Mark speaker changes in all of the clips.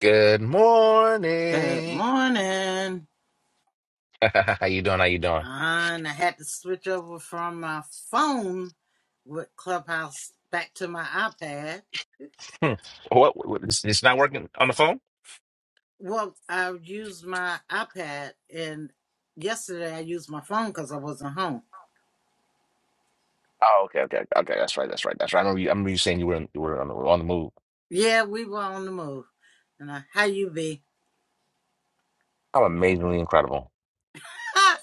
Speaker 1: Good
Speaker 2: Good
Speaker 1: morning.
Speaker 2: morning.
Speaker 1: How you doing? How you doing?
Speaker 2: And I had to switch over from my phone with Clubhouse back to my iPad.
Speaker 1: Hmm. What, what- It's it's not working on the phone?
Speaker 2: Well, I used my iPad, and yesterday I used my phone because I wasn't home.
Speaker 1: Oh, okay, okay, okay. That's right. That's right. That's right. I remember you. I remember you saying you were in, you were on the, on the move.
Speaker 2: Yeah, we were on the move. And I, how you be?
Speaker 1: I'm amazingly incredible.
Speaker 2: I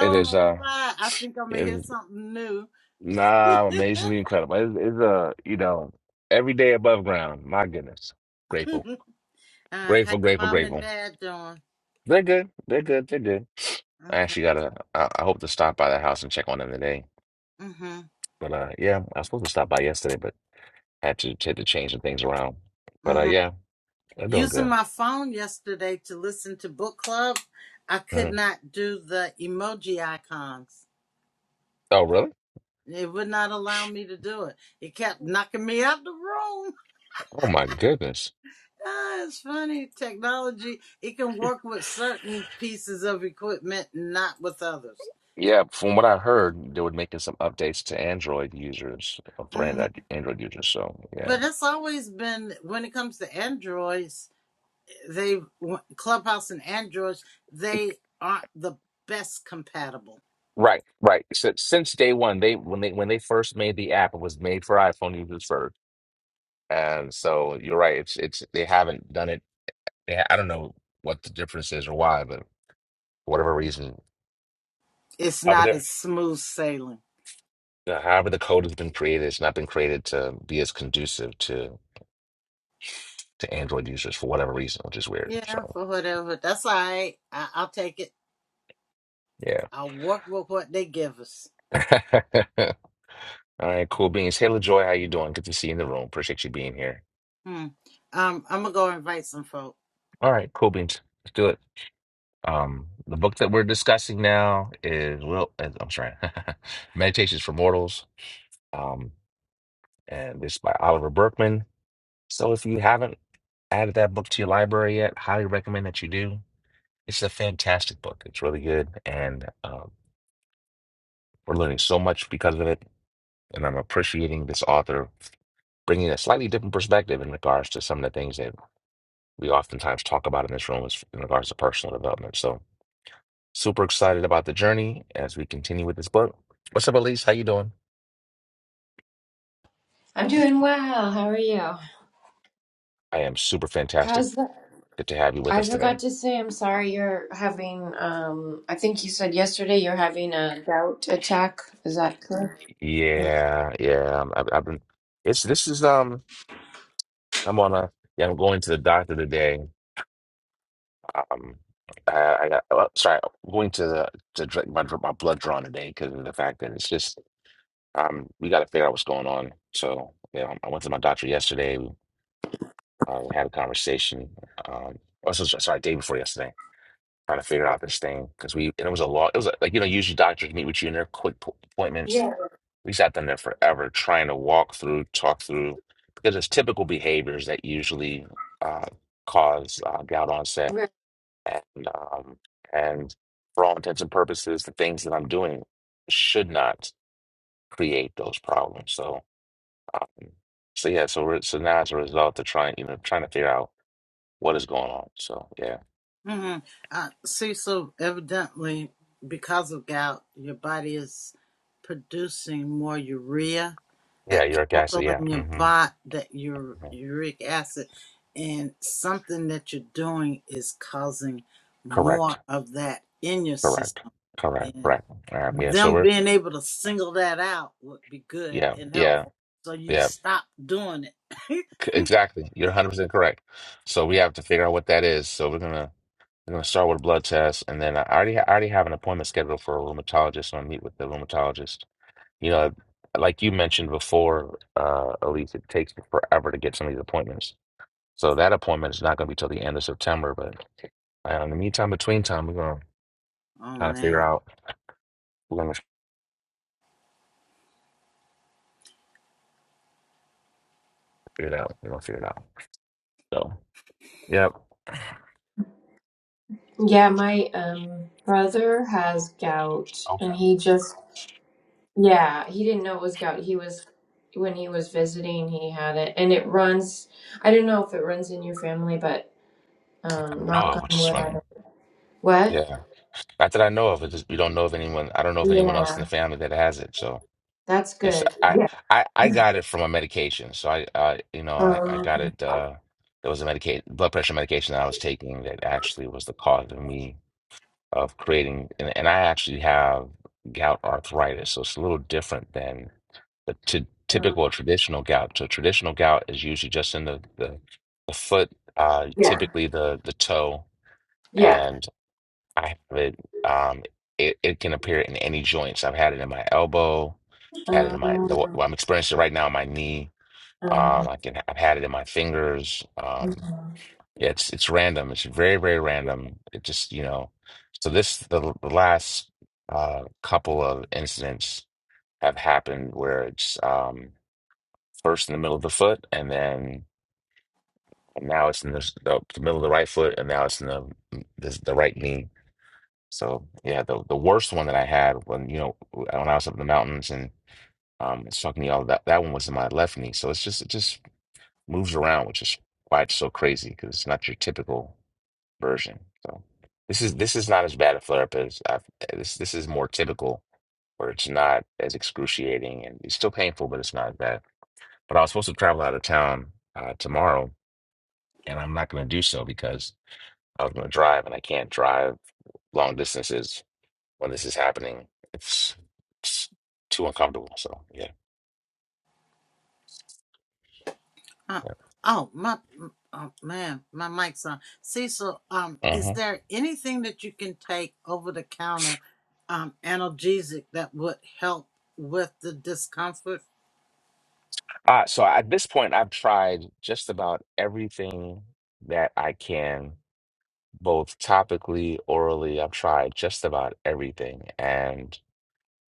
Speaker 1: It is.
Speaker 2: know
Speaker 1: Uh,
Speaker 2: why. I think I'm gonna
Speaker 1: it
Speaker 2: hear
Speaker 1: is.
Speaker 2: something new.
Speaker 1: Nah, I'm amazingly incredible. It's, it's uh, you know, every day above ground. My goodness, grateful,
Speaker 2: Uh, how your
Speaker 1: grateful, grateful,
Speaker 2: mom and
Speaker 1: grateful.
Speaker 2: dad doing?
Speaker 1: They're good. They're good. They're good. I
Speaker 2: Okay.
Speaker 1: actually gotta. I, I hope to stop by the house and check on them today.
Speaker 2: Mhm.
Speaker 1: But uh, yeah, I was supposed to stop by yesterday, had to had to change some things around. But uh,
Speaker 2: Mhm.
Speaker 1: yeah, they're doing good.
Speaker 2: Using my phone yesterday to listen to book club, I could
Speaker 1: Mhm.
Speaker 2: not do the emoji icons.
Speaker 1: Oh, really?
Speaker 2: It would not allow me to do it. It kept knocking me out the room.
Speaker 1: Oh my goodness.
Speaker 2: Ah, it's funny. Technology, it can work with certain pieces of equipment, not with others.
Speaker 1: Yeah, from what I heard, they were making some updates to Android users uh, for
Speaker 2: hmm
Speaker 1: Android Android users. So yeah,
Speaker 2: But it's always been, when it comes to Androids, they, Clubhouse and Androids, they aren't the best compatible.
Speaker 1: right, right. So since day one, they when they when they first made the app, it was made for iPhone users first. And so you're right. It's it's they haven't done it. They, ha- I don't know what the difference is or why, but for whatever reason,
Speaker 2: It's not
Speaker 1: however,
Speaker 2: as smooth sailing.
Speaker 1: the however the code has been created, it's not been created to be as conducive to. to Android users for whatever reason, which is weird.
Speaker 2: Yeah,
Speaker 1: So
Speaker 2: for whatever. That's all right. I, I'll take it.
Speaker 1: yeah.
Speaker 2: I'll work with what they give us.
Speaker 1: All right, cool beans. Hey LaJoy, how you doing? Good to see you in the room. Appreciate you being here.
Speaker 2: Hmm. Um, I'm gonna go invite some folk.
Speaker 1: All right, cool beans. Let's do it. Um, the book that we're discussing now is Will. uh, I'm sorry, Meditations for Mortals. Um, and this is by Oliver Berkman. So if you haven't added that book to your library yet, highly recommend that you do. It's a fantastic book. It's really good, and uh, we're learning so much because of it. And I'm appreciating this author bringing a slightly different perspective in regards to some of the things that we oftentimes talk about in this room is in regards to personal development. So super excited about the journey as we continue with this book. What's up, Elise? How you doing?
Speaker 3: I'm doing well. How are you?
Speaker 1: I am super fantastic.
Speaker 3: How's the?
Speaker 1: Good to have you with
Speaker 3: I
Speaker 1: us today.
Speaker 3: forgot to say I'm sorry you're having um I think you said yesterday you're having a gout attack. Is that correct?
Speaker 1: Yeah, yeah. I've, I've been. It's this is um. I'm on a. Yeah, I'm going to the doctor today. Um, I, I got. oh, sorry, I'm going to the to dr- my dr- my blood drawn today because of the fact that it's just Um, we got to figure out what's going on. So, yeah, I went to my doctor yesterday. We uh, had a conversation. Um, also, sorry, day before yesterday, trying to figure out this thing because we and it was a lot. It was like you know, usually doctors meet with you in their quick po- appointments.
Speaker 3: Yeah.
Speaker 1: We sat down there forever trying to walk through, talk through because it's typical behaviors that usually uh, cause uh, gout onset
Speaker 3: Right.
Speaker 1: and um, and for all intents and purposes, the things that I'm doing should not create those problems. So. Mm. So yeah, so re- so now as a result, they're trying, you know, trying to figure out what is going on. So yeah,
Speaker 2: Mm-hmm. Uh, Cecil, evidently, because of gout, your body is producing more urea,
Speaker 1: yeah,
Speaker 2: that
Speaker 1: uric
Speaker 2: chemical
Speaker 1: acid. Yeah,
Speaker 2: in your
Speaker 1: hmm
Speaker 2: body, that your uric acid, and something that you're doing is causing more
Speaker 1: correct,
Speaker 2: of that in your
Speaker 1: correct,
Speaker 2: system.
Speaker 1: correct,
Speaker 2: And
Speaker 1: correct. All right, yeah. So
Speaker 2: them
Speaker 1: we're
Speaker 2: being able to single that out would be good
Speaker 1: yeah,
Speaker 2: and
Speaker 1: yeah,
Speaker 2: helpful. So you
Speaker 1: yeah.
Speaker 2: stop doing it.
Speaker 1: c- Exactly. You're 100 percent correct. So we have to figure out what that is. So we're gonna we're gonna start with a blood test, and then I already ha- I already have an appointment scheduled for a rheumatologist. So I meet with the rheumatologist. You know, like you mentioned before, uh, Elise, it takes me forever to get some of these appointments. So that appointment is not going to be till the end of September. But uh, in the meantime, between time, we're going to
Speaker 2: oh
Speaker 1: kind of figure
Speaker 2: man.
Speaker 1: out. We're going to figure it out. We're going to figure it out. So, yep.
Speaker 3: Yeah, my um brother has gout
Speaker 1: Okay.
Speaker 3: and he just yeah, he didn't know it was gout. He was when he was visiting, he had it and it runs I don't know if it runs in your family, but
Speaker 1: That
Speaker 3: um
Speaker 1: I know
Speaker 3: knock
Speaker 1: of, which
Speaker 3: on
Speaker 1: is
Speaker 3: wood, I
Speaker 1: funny.
Speaker 3: don't. What?
Speaker 1: Yeah. Not that I know of. It just, we don't know of anyone. I don't know of anyone else in
Speaker 3: Yeah.
Speaker 1: the family that has it. So
Speaker 3: That's
Speaker 1: it's
Speaker 3: good.
Speaker 1: I
Speaker 3: Yeah.
Speaker 1: I, I got it from a medication. So I uh, you know I I
Speaker 3: Um
Speaker 1: got it. uh There was a medication blood pressure medication that I was taking that actually was the cause of me of creating and, and I actually have gout arthritis, so it's a little different than the t typical or traditional gout. So traditional gout is usually just in the the, the foot, uh,
Speaker 3: yeah.
Speaker 1: typically the the toe,
Speaker 3: Yeah.
Speaker 1: and I have it. Um, it it can appear in any joints. I've had it in my elbow, had it in my the,
Speaker 3: Um,
Speaker 1: well, I'm experiencing it right now in my knee.
Speaker 3: um,
Speaker 1: Um, I can I've had it in my fingers. Um, yeah, it's it's random. It's very, very random. It just, you know, so this the, the last uh couple of incidents have happened where it's um first in the middle of the foot and then now it's in the, the, the middle of the right foot and now it's in the the, the right knee. So yeah, the the worst one that I had when you know when I was up in the mountains and um it's talking to all that that one was in my left knee. So it's just it just moves around, which is why it's so crazy because it's not your typical. version. So this is this is not as bad a flare up as I've, this. This is more typical, where it's not as excruciating and it's still painful, but it's not as bad. But I was supposed to travel out of town uh, tomorrow, and I'm not going to do so because I was going to drive, and I can't drive long distances when this is happening. It's, it's too uncomfortable. So yeah.
Speaker 2: Uh,
Speaker 1: yeah.
Speaker 2: oh my. Oh man, my mic's on. Cecil, um, is
Speaker 1: Mhm.
Speaker 2: there anything that you can take over the counter, um, analgesic that would help with the discomfort?
Speaker 1: Uh, so at this point, I've tried just about everything that I can both topically, orally. I've tried just about everything, and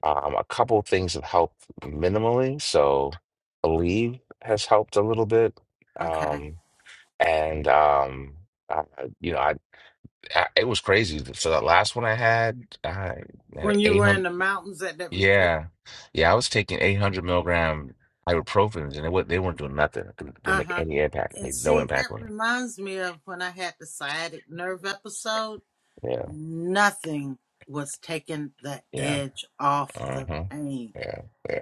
Speaker 1: um, a couple things have helped minimally. So, Aleve has helped a little bit,
Speaker 2: Okay.
Speaker 1: um, and um, I, you know, I, I it was crazy. So that last one I had, I had
Speaker 2: When you
Speaker 1: eight
Speaker 2: were in
Speaker 1: hundred.
Speaker 2: the mountains at that retreat.
Speaker 1: Yeah, yeah, I was taking eight hundred milligram ibuprofens, and it, wa- they weren't doing nothing. It didn't didn't
Speaker 2: Uh
Speaker 1: make
Speaker 2: huh.
Speaker 1: any impact. It
Speaker 2: And
Speaker 1: Made no
Speaker 2: see, that
Speaker 1: impact on it.
Speaker 2: reminds me of when I had the sciatic nerve episode
Speaker 1: Yeah,
Speaker 2: nothing was taking the
Speaker 1: yeah,
Speaker 2: edge off the
Speaker 1: uh-huh.
Speaker 2: pain
Speaker 1: Yeah, yeah.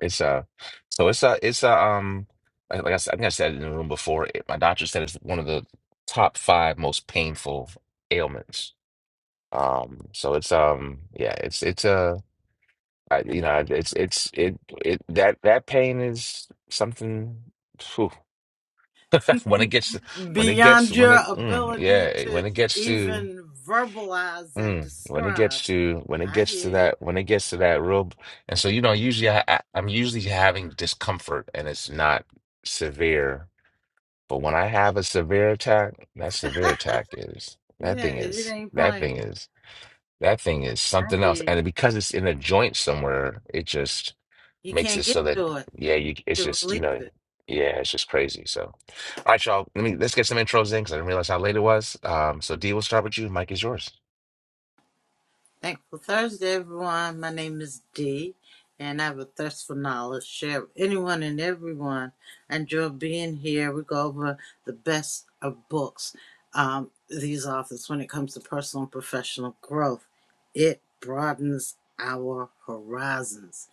Speaker 1: It's uh, so it's a it's a um, like like I said, I think I said it in the room before. It, my doctor said it's one of the top five most painful ailments. Um, so it's um, yeah, it's it's uh, I, you know, it's it's it it that that pain is something. phew. when it gets when it gets
Speaker 2: beyond
Speaker 1: when
Speaker 2: your
Speaker 1: it mm,
Speaker 2: ability
Speaker 1: yeah
Speaker 2: to
Speaker 1: when it gets to
Speaker 2: even verbalize and
Speaker 1: Mm, when it
Speaker 2: describe.
Speaker 1: gets to when it
Speaker 2: I
Speaker 1: gets to
Speaker 2: hear you.
Speaker 1: that when it gets to that real and so you know usually I, I I'm usually having discomfort and it's not severe but when I have a severe attack that severe attack is that
Speaker 2: Yeah,
Speaker 1: thing
Speaker 2: it
Speaker 1: is
Speaker 2: ain't
Speaker 1: that thing
Speaker 2: playing.
Speaker 1: is that thing
Speaker 2: I,
Speaker 1: is
Speaker 2: I
Speaker 1: something else
Speaker 2: hear you.
Speaker 1: and because it's in a joint somewhere it just
Speaker 2: You
Speaker 1: makes
Speaker 2: can't
Speaker 1: it
Speaker 2: get
Speaker 1: so that
Speaker 2: to it
Speaker 1: yeah you it's
Speaker 2: to
Speaker 1: just you
Speaker 2: release it.
Speaker 1: know yeah it's just crazy so all right y'all let me let's get some intros in because I didn't realize how late it was um so D will start with you Mike is yours
Speaker 2: Thankful Thursday, everyone. My name is Dee, and I have a thirst for knowledge. Share with anyone and everyone. I enjoy being here. We go over the best of books, um, these authors, when it comes to personal and professional growth. It broadens our horizons,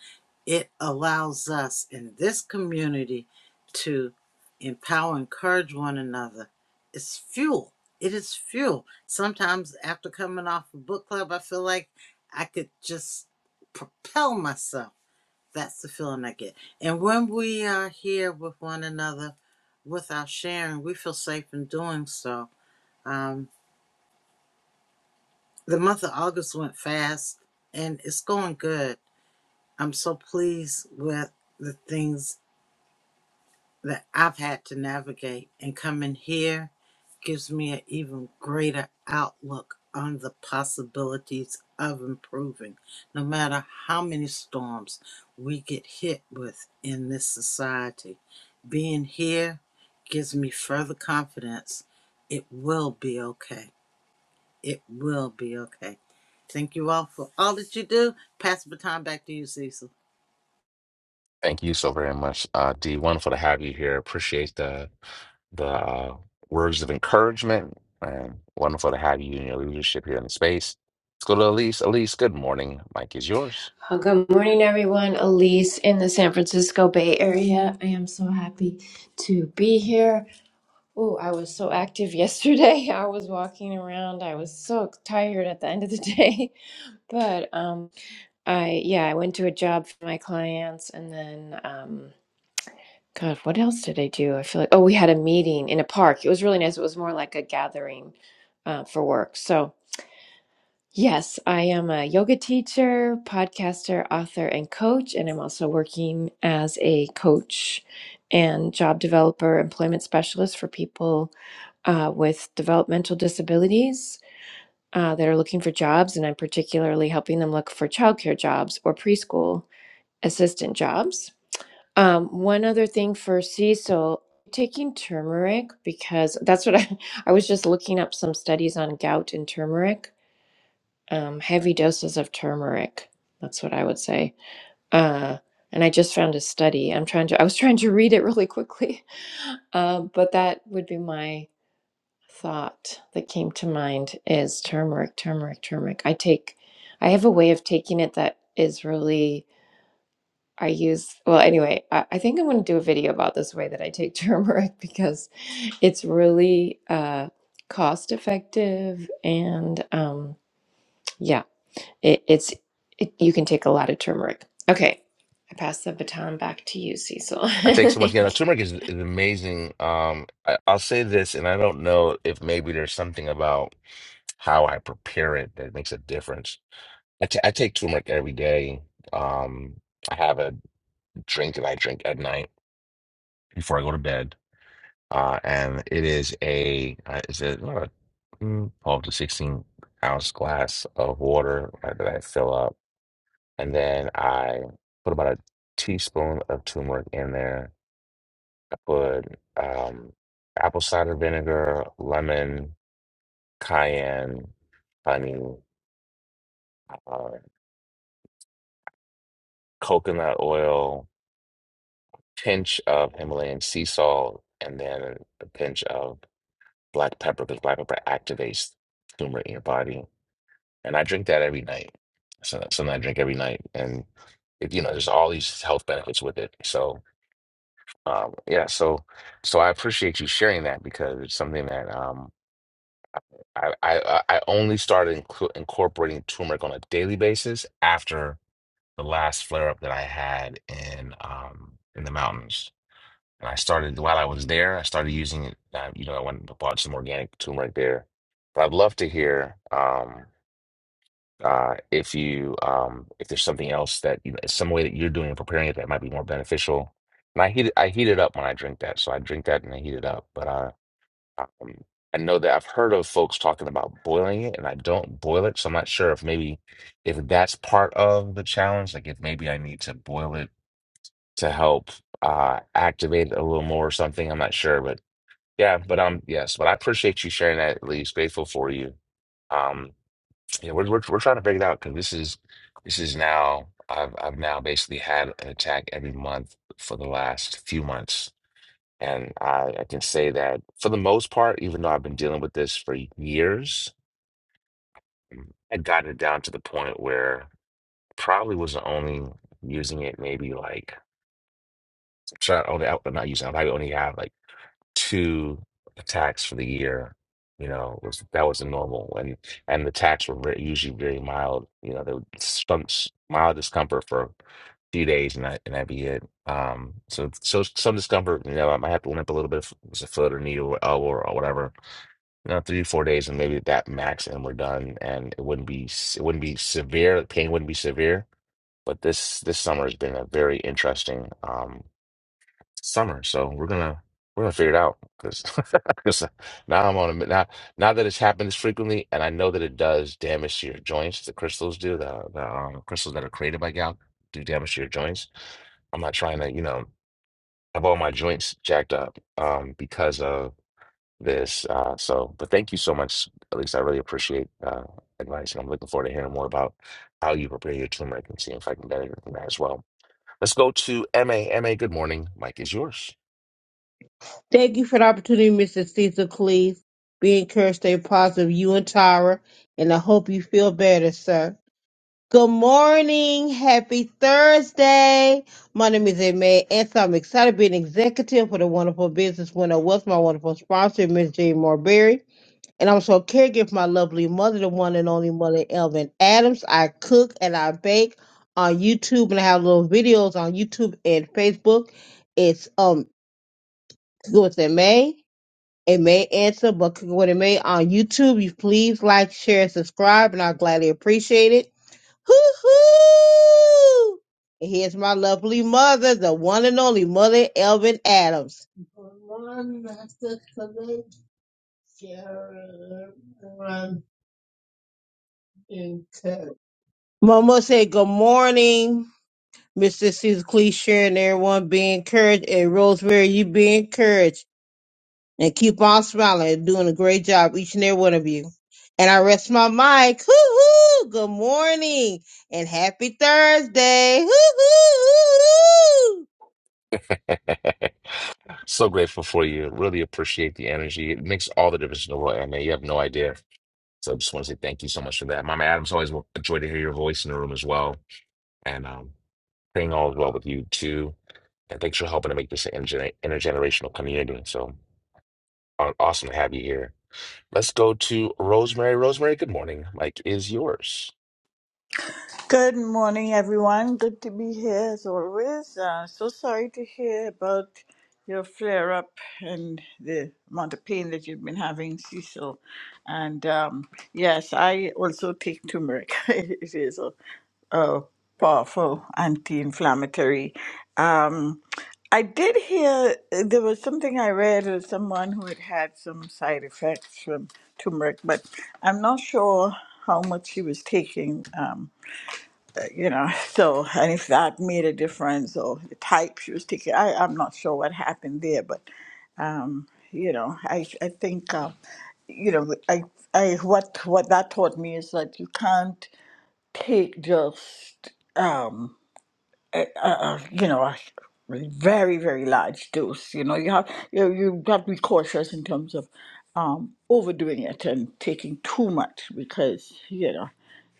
Speaker 2: it allows us in this community to empower, encourage one another. It's fuel it is fuel. Sometimes after coming off a book club, I feel like I could just propel myself. That's the feeling I get. And when we are here with one another, with our sharing, we feel safe in doing so. Um, the month of August went fast and it's going good. I'm so pleased with the things that I've had to navigate, and coming here gives me an even greater outlook on the possibilities of improving, no matter how many storms we get hit with in this society. Being here gives me further confidence it will be okay. It will be okay. Thank you all for all that you do. Pass the baton back to you, Cecil.
Speaker 1: Thank you so very much, uh, D. Wonderful to have you here. Appreciate the the uh, words of encouragement, and wonderful to have you and your leadership here in the space. Let's go to Elise. Elise, good morning. Mike is yours.
Speaker 3: oh, good morning, everyone. Elise in the San Francisco Bay Area. I am so happy to be here. Oh, I was so active yesterday. I was walking around. I was so tired at the end of the day, but um, I yeah, I went to a job for my clients, and then um, God, what else did I do? I feel like oh, we had a meeting in a park. It was really nice. It was more like a gathering uh, for work. So. Yes, I am a yoga teacher, podcaster, author, and coach, and I'm also working as a coach and job developer, employment specialist for people uh, with developmental disabilities uh, that are looking for jobs, and I'm particularly helping them look for childcare jobs or preschool assistant jobs. Um, one other thing for Cecil, taking turmeric because that's what I, I was just looking up some studies on gout and turmeric um, heavy doses of turmeric. That's what I would say. Uh, and I just found a study. I'm trying to. I was trying to read it really quickly, uh, but that would be my thought that came to mind is turmeric, turmeric, turmeric. I take. I have a way of taking it that is really. I use well anyway. I, I think I'm going to do a video about this way that I take turmeric because it's really uh, cost effective and um, yeah. It, it's it, you can take a lot of turmeric. Okay, I pass the baton back to you, Cecil.
Speaker 1: I think so much. Yeah, no,
Speaker 3: Thank you.
Speaker 1: turmeric is, is amazing. Um, I, I'll say this, and I don't know if maybe there's something about how I prepare it that makes a difference. I ta- I take turmeric every day. Um, I have a drink that I drink at night before I go to bed uh, and it is a uh, is it uh, mm, twelve to sixteen ounce glass of water uh, that I fill up, and then I put about a teaspoon of turmeric in there. I put um, apple cider vinegar, lemon, cayenne, honey, uh, coconut oil, pinch of Himalayan sea salt, and then a pinch of black pepper because black pepper activates turmeric in your body and I drink that every night. So that's something I drink every night, and it, you know, there's all these health benefits with it. So, um, yeah, so so I appreciate you sharing that because it's something that um, I I I I only started inclu- incorporating turmeric on a daily basis after the last flare up that I had in um in the mountains. And I started while I was there. I started using it. Uh, you know, I went and bought some organic turmeric there. But I'd love to hear. Um, Uh, if you um, if there's something else that you know, some way that you're doing and preparing it that might be more beneficial. And I heat it, I heat it up when I drink that, so I drink that and I heat it up. But I um, I know that I've heard of folks talking about boiling it, and I don't boil it, so I'm not sure if maybe if that's part of the challenge. Like if maybe I need to boil it to help uh, activate it a little more or something. I'm not sure, but yeah. But um, yes. But I appreciate you sharing that, at least. Grateful for you. Um, yeah, we're we're, we're trying to figure it out because this is this is now I've I've now basically had an attack every month for the last few months, and I I can say that for the most part, even though I've been dealing with this for years, mm, I got it down to the point where probably was only using it maybe like try only I- not using I probably only have like. two attacks for the year. You know, was that was the normal, and and the attacks were very, usually very mild. You know, there was some s- mild discomfort for a few days, and that and that'd be it. Um, so so some discomfort. You know, I might have to limp a little bit if it was a foot or knee or elbow or whatever. You know, three four days, and maybe that max, and we're done. And it wouldn't be s- it wouldn't be severe. The pain wouldn't be severe. But this this summer has been a very interesting. um summer. So we're gonna we're gonna figure it out because now I'm on a now now that it's happened this frequently, and I know that it does damage to your joints. The crystals do the the um, crystals that are created by gout do damage to your joints. I'm not trying to you know have all my joints jacked up um, because of this. Uh, so, but thank you so much. At least I really appreciate uh, advice, and I'm looking forward to hearing more about how you prepare your turmeric and see if I can better that as well. Let's go to M A M A. good morning. Mike is yours.
Speaker 4: Thank you for the opportunity, Mrs. Cecil Cleese. Be encouraged, stay positive, you and Tyra, and I hope you feel better, sir. Good morning. Happy Thursday. My name is Emma, and so I'm excited to be an executive for the wonderful business winner was my wonderful sponsor, Miss Jane Marberry. And I'm so caregiver for my lovely mother, the one and only mother, Elvin Adams. I cook and I bake on YouTube, and I have little videos on YouTube and Facebook. It's um, what's in May? It may answer, but click what it may on YouTube. You please like, share, and subscribe, and I'll gladly appreciate it. Hoo hoo! And here's my lovely mother, the one and only Mother Elvin Adams. One master colleague, Sharon and Ted. Mama said, Good morning, Mr. Caesar Clee, Sharon, everyone be encouraged, and Rosemary, you be encouraged. and keep on smiling and doing a great job, each and every one of you. And I rest my mic. Hoo hoo! Good morning and happy Thursday. Hoo hoo hoo
Speaker 1: So grateful for you. Really appreciate the energy. It makes all the difference in the world, Emma. You have no idea. So I just want to say thank you so much for that. Mama Adams, always a joy to hear your voice in the room as well. And um, praying all is well with you too. And thanks for helping to make this an intergener- intergenerational community. So aw- awesome to have you here. Let's go to Rosemary. Rosemary, good morning. Mike is yours.
Speaker 5: Good morning, everyone. Good to be here as always. Uh, so sorry to hear about your flare up and the amount of pain that you've been having, Cecil. And um, yes, I also take turmeric. it is a, a powerful anti inflammatory. Um, I did hear uh, there was something I read of someone who had had some side effects from turmeric, but I'm not sure how much she was taking. Um, you know, so, and if that made a difference or the type she was taking, I, I'm not sure what happened there, but, um, you know, I, I think, uh, you know, I, I, what, what that taught me is that you can't take just, um, uh, uh, you know, a very, very large dose. You know, you have you you have to be cautious in terms of um, overdoing it and taking too much because you know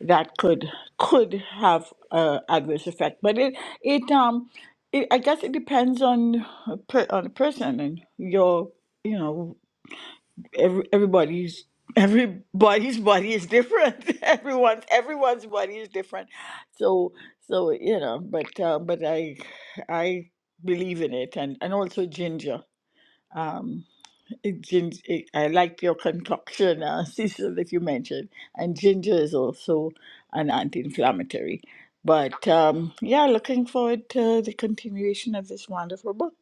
Speaker 5: that could could have a adverse effect. But it it um it, I guess it depends on a per, on the person and your you know every, everybody's everybody's body is different everyone's everyone's body is different so so you know but uh, but i i believe in it and and also ginger um it, gin, it, i like your concoction uh, cecil that you mentioned and ginger is also an anti-inflammatory but um yeah looking forward to the continuation of this wonderful book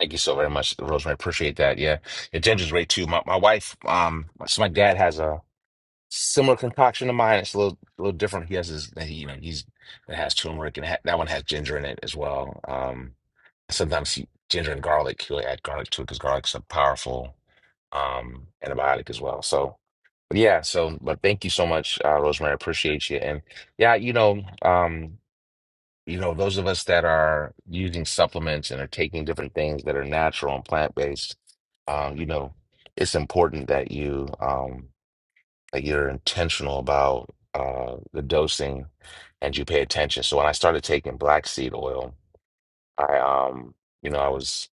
Speaker 1: Thank you so very much, Rosemary. Appreciate that. Yeah, your ginger's great too. My my wife, um, so my dad has a Similar concoction to mine. It's a little, little different. He has his, he, you know, he's it has turmeric and ha that one has ginger in it as well. Um, sometimes he, ginger and garlic. He'll add garlic to it because garlic's a powerful um antibiotic as well. So, but yeah. So, but thank you so much, uh, Rosemary. I appreciate you. And yeah, you know, um, you know, those of us that are using supplements and are taking different things that are natural and plant based, um, you know, it's important that you um like you're intentional about uh, the dosing and you pay attention. So when I started taking black seed oil, I um, you know, I was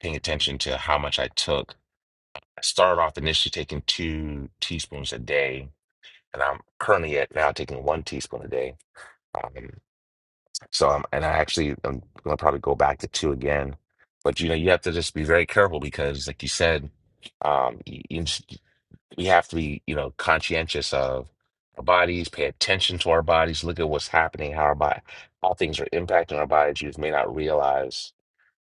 Speaker 1: paying attention to how much I took. I started off initially taking two teaspoons a day, and I'm currently at now taking one teaspoon a day. Um, so I'm, and I actually I'm gonna probably go back to two again. But you know, you have to just be very careful because, like you said, um, you, we have to be, you know, conscientious of our bodies, pay attention to our bodies, look at what's happening, how our body, how things are impacting our bodies. You may not realize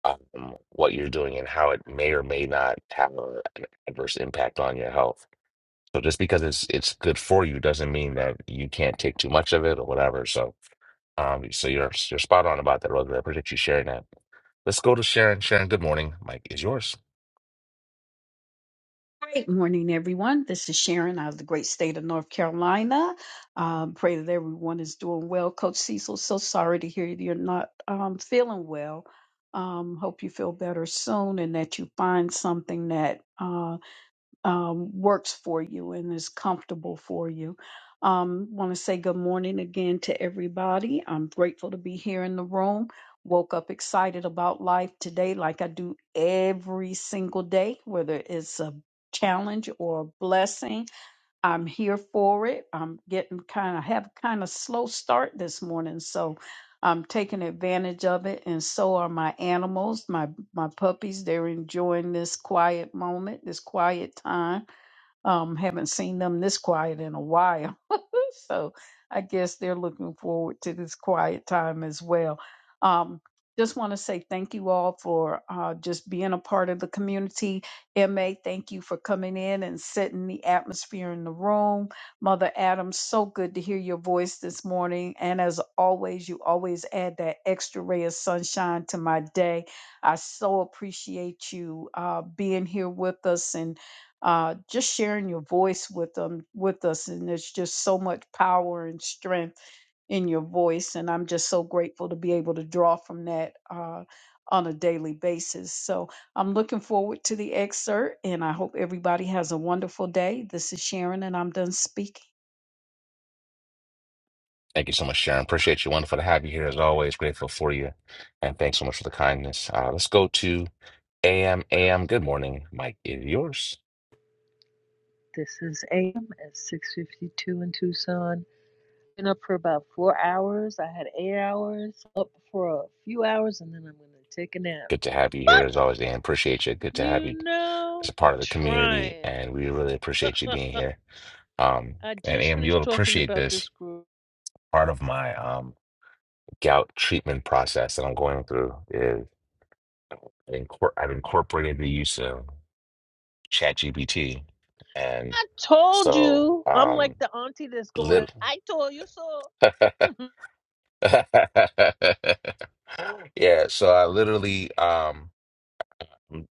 Speaker 1: um, what you're doing and how it may or may not have a- an adverse impact on your health. So just because it's it's good for you doesn't mean that you can't take too much of it or whatever. So um, so you're you're spot on about that, Roger. I appreciate you sharing that. Let's go to Sharon. Sharon, good morning. Mike is yours.
Speaker 6: Great morning, everyone. This is Sharon out of the great state of North Carolina. Um, pray that everyone is doing well. Coach Cecil, so sorry to hear you're not um, feeling well. Um, hope you feel better soon and that you find something that uh, um, works for you and is comfortable for you. Um, Want to say good morning again to everybody. I'm grateful to be here in the room. Woke up excited about life today, like I do every single day, whether it's a challenge or a blessing. I'm here for it. I'm getting kind of have kind of slow start this morning, so I'm taking advantage of it. And so are my animals, my my puppies. They're enjoying this quiet moment, this quiet time um, haven't seen them this quiet in a while. so I guess they're looking forward to this quiet time as well. Um, just want to say thank you all for uh, just being a part of the community. MA, thank you for coming in and setting the atmosphere in the room. Mother Adams, so good to hear your voice this morning. And as always, you always add that extra ray of sunshine to my day. I so appreciate you uh, being here with us and uh, just sharing your voice with them with us and there's just so much power and strength in your voice and i'm just so grateful to be able to draw from that uh, on a daily basis so i'm looking forward to the excerpt and i hope everybody has a wonderful day this is sharon and i'm done speaking
Speaker 1: Thank you so much, Sharon. Appreciate you. Wonderful to have you here as always. Grateful for you. And thanks so much for the kindness. Uh, let's go to AM. AM, good morning. Mike is yours.
Speaker 7: This is AM at 6:52 in Tucson. Been up for about four hours. I had eight hours up for a few hours, and then I'm gonna take a nap.
Speaker 1: Good to have you here as always, AM. Appreciate you. Good to have
Speaker 7: You
Speaker 1: you as
Speaker 7: know,
Speaker 1: a
Speaker 7: I'm
Speaker 1: part of the community.
Speaker 7: trying.
Speaker 1: And we really appreciate you being here. Um,
Speaker 7: I
Speaker 1: and
Speaker 7: just
Speaker 1: AM,
Speaker 7: finished
Speaker 1: you'll
Speaker 7: talking
Speaker 1: appreciate
Speaker 7: about this
Speaker 1: this.
Speaker 7: group.
Speaker 1: Part of my um, gout treatment process that I'm going through is incor- I've incorporated the use of ChatGPT. And
Speaker 7: I told
Speaker 1: so,
Speaker 7: you. I'm like
Speaker 1: um,
Speaker 7: the auntie that's going,
Speaker 1: little.
Speaker 7: I told you so.
Speaker 1: Yeah, so I literally um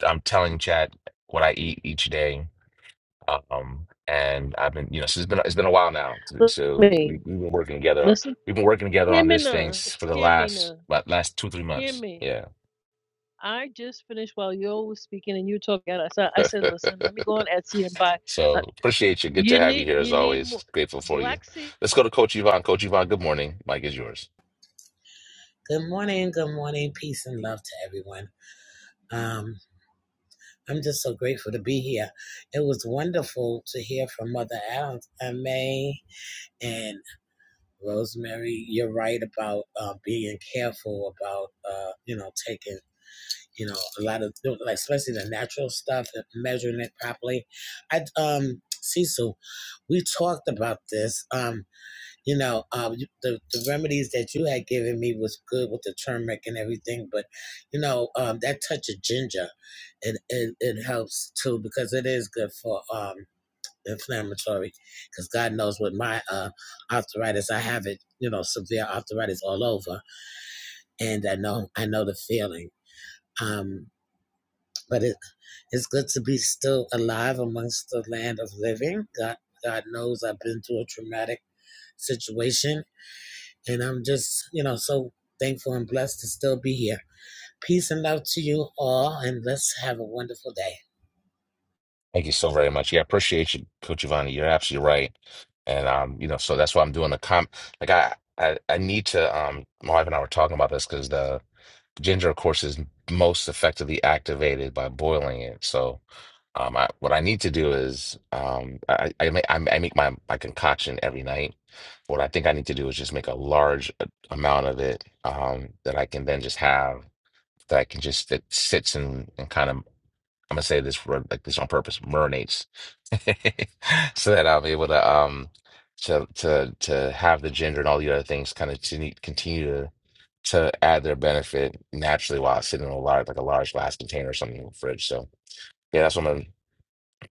Speaker 1: I'm telling Chad what I eat each day. Um and I've been you know, so it's been it's been a while now. So
Speaker 7: Listen,
Speaker 1: so
Speaker 7: at me.
Speaker 1: we, we've been working together.
Speaker 7: Listen.
Speaker 1: We've been working together
Speaker 7: Hear
Speaker 1: on
Speaker 7: me
Speaker 1: this thing
Speaker 7: now.
Speaker 1: s- for the
Speaker 7: Hear me
Speaker 1: last
Speaker 7: now.
Speaker 1: what last two, three
Speaker 7: Hear
Speaker 1: months.
Speaker 7: me.
Speaker 1: Yeah.
Speaker 7: I just finished while yo was speaking and you were talking. I said, I said, listen, let me go on Etsy and buy
Speaker 1: So appreciate you. Good to
Speaker 7: You
Speaker 1: have you
Speaker 7: need
Speaker 1: here as
Speaker 7: you need more.
Speaker 1: always. Grateful for you.
Speaker 7: Black seed
Speaker 1: Let's go to Coach Yvonne. Coach Yvonne, good morning. Mike is yours.
Speaker 8: Good morning, good morning, peace and love to everyone. Um, I'm just so grateful to be here. It was wonderful to hear from Mother Adams and May and Rosemary. You're right about uh, being careful about uh, you know taking you know a lot of like especially the natural stuff and measuring it properly. I um Cecil, we talked about this. Um, you know, um, you- the, the remedies that you had given me was good with the turmeric and everything, but you know, um, that touch of ginger, it, it, it helps too because it is good for um, inflammatory. Because God knows with my uh, arthritis, I have it, you know, severe arthritis all over, and I know I know the feeling. Um, but it, it's good to be still alive amongst the land of living. God, God knows I've been through a traumatic situation And I'm just, you know, so thankful and blessed to still be here. Peace and love to you all, and let's have a wonderful day.
Speaker 1: Thank you so very much. Yeah, I appreciate you, Coach Giovanni. You're absolutely right. And um, you know, so that's why I'm doing the comp. Like I, I, I need to. Um, my wife and I were talking about this because the ginger, of course, is most effectively activated by boiling it. So, um, I, what I need to do is, um, I, I make, I I make my my concoction every night. What I think I need to do is just make a large a- amount of it, um, that I can then just have that I can just that sits and and kind of. I'm gonna say this for like this on purpose, mermaids, so that I'll be able to um to to to have the gender and all the other things kind of to need- continue to to add their benefit naturally while it's sitting in a large like a large glass container or something in the fridge. So yeah, that's what I'm gonna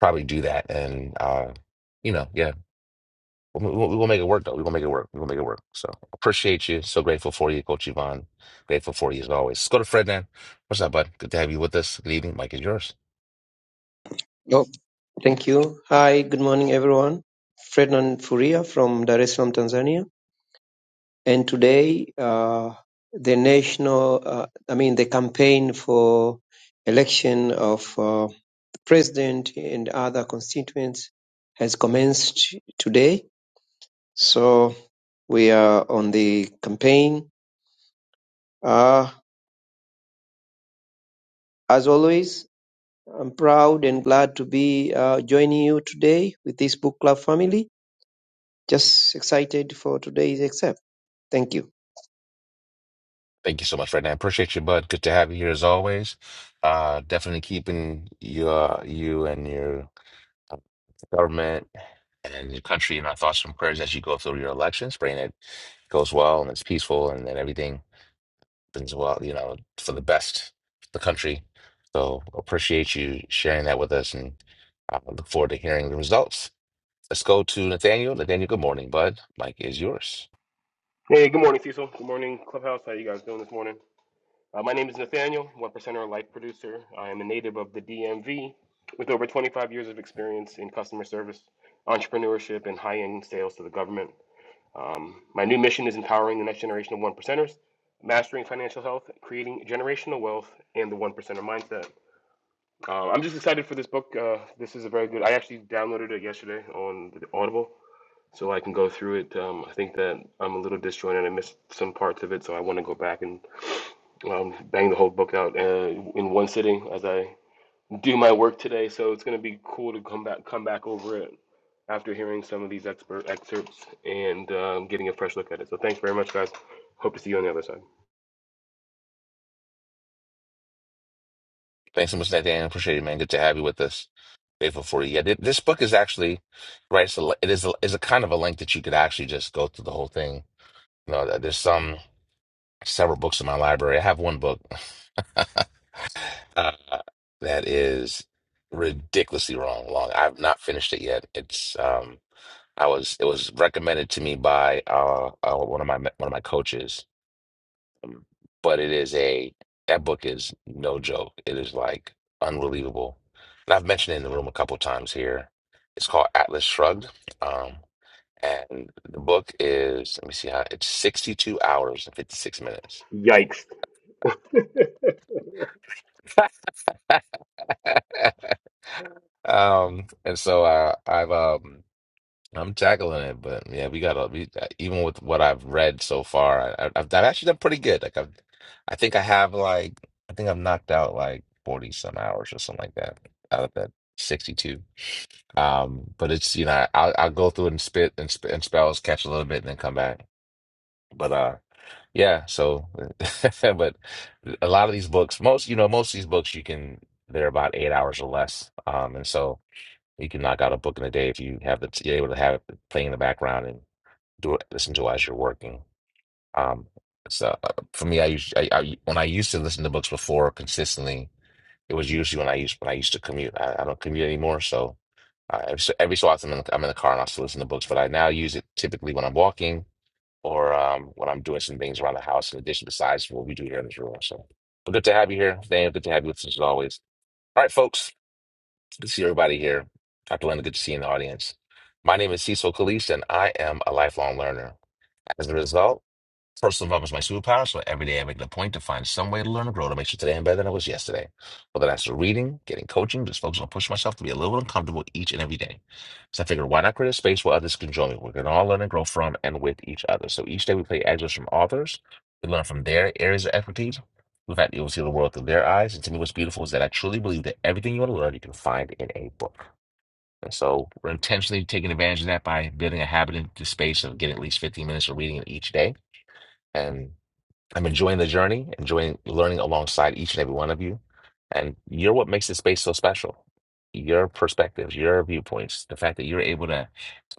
Speaker 1: probably do that, and uh, you know, yeah, we'll, we'll, we'll make it work though. We're gonna make it work. We're gonna make it work. So appreciate you. So grateful for you, Coach Yvonne. Grateful for you as always. Let's go to Fred now. What's up, bud? Good to have you with us. Good evening. Mike is yours.
Speaker 9: Oh, thank you. Hi, good morning, everyone. Ferdinand Furia from Dar es Salaam, Tanzania. And today, uh, the national, uh, I mean, the campaign for election of uh, president and other constituents has commenced today. So we are on the campaign. Uh, as always, I'm proud and glad to be uh, joining you today with this book club family. Just excited for today's exam. Thank you.
Speaker 1: Thank you so much, Fred. I appreciate you, bud. Good to have you here as always. Uh, definitely keeping you, uh, you and your uh, government and your country in our thoughts and prayers as you go through your elections, praying it goes well and it's peaceful and then everything happens well, you know, for the best for the country. So appreciate you sharing that with us and I look forward to hearing the results. Let's go to Nathaniel. Nathaniel, good morning, bud. Mike is yours.
Speaker 10: Hey, good morning, Cecil. Good morning, Clubhouse. How you guys doing this morning? Uh, my name is Nathaniel, one percenter life producer. I am a native of the DMV with over 25 years of experience in customer service, entrepreneurship, and high-end sales to the government. Um, my new mission is empowering the next generation of one percenters, mastering financial health, creating generational wealth, and the one percenter mindset. Uh, I'm just excited for this book. Uh, this is a very good. I actually downloaded it yesterday on the Audible so I can go through it. Um, I think that I'm a little disjointed. I missed some parts of it, so I want to go back and um, bang the whole book out uh, in one sitting as I do my work today. So it's going to be cool to come back come back over it after hearing some of these expert excerpts and um, getting a fresh look at it. So thanks very much, guys. Hope to see you on the other side.
Speaker 1: Thanks so much, Nathaniel. Appreciate it, man. Good to have you with us. grateful for you. Yeah, th- this book is actually right. So it is a, is a kind of a length that you could actually just go through the whole thing. You know, there's some several books in my library. I have one book uh, that is ridiculously wrong. Long. I've not finished it yet. It's um, I was it was recommended to me by uh, uh one of my one of my coaches um, But it is a that book is no joke. It is like unbelievable. And I've mentioned it in the room a couple times here. It's called Atlas Shrugged. Um, and the book is, let me see how it's 62 hours and 56 minutes.
Speaker 10: Yikes.
Speaker 1: Um, and so uh, I've um I'm tackling it, but yeah, we got to we uh, even with what I've read so far, I, I've, I've actually done pretty good. Like I've, I think I have like I think I've knocked out like 40 some hours or something like that out of that 62. Um, but it's you know I'll I'll go through it and spit and sp and spells, catch a little bit, and then come back. But uh, yeah. So, but a lot of these books, most you know, most of these books you can they're about eight hours or less. Um, and so you can knock out a book in a day if you have the you're able to have it play in the background and do it, listen to as you're working. Um, so uh, for me, I used I, I when I used to listen to books before consistently, it was usually when I used when I used to commute. I, I don't commute anymore, so uh, every so every so often I'm in, the, I'm in the car and I still listen to books. But I now use it typically when I'm walking or um, when I'm doing some things around the house in addition besides what we do here in this room. So, but good to have you here, Daniel. Good to have you with us as always. All right, folks, good to see everybody here. Dr. Linda, good to see you in the audience. My name is Cecil Calise, and I am a lifelong learner. As a result. First and foremost, my superpower. So every day I make it a point to find some way to learn and grow to make sure today I'm better than I was yesterday. Whether that's reading, getting coaching, just focus on pushing myself to be a little uncomfortable each and every day. So I figured, why not create a space where others can join me? We can all learn and grow from and with each other. So each day we play excerpts from authors. We learn from their areas of expertise. In fact, you'll see the world through their eyes. And to me, what's beautiful is that I truly believe that everything you want to learn, you can find in a book. And so we're intentionally taking advantage of that by building a habit into space of getting at least 15 minutes of reading each day. And I'm enjoying the journey, enjoying learning alongside each and every one of you. And you're what makes this space so special. Your perspectives, your viewpoints, the fact that you're able to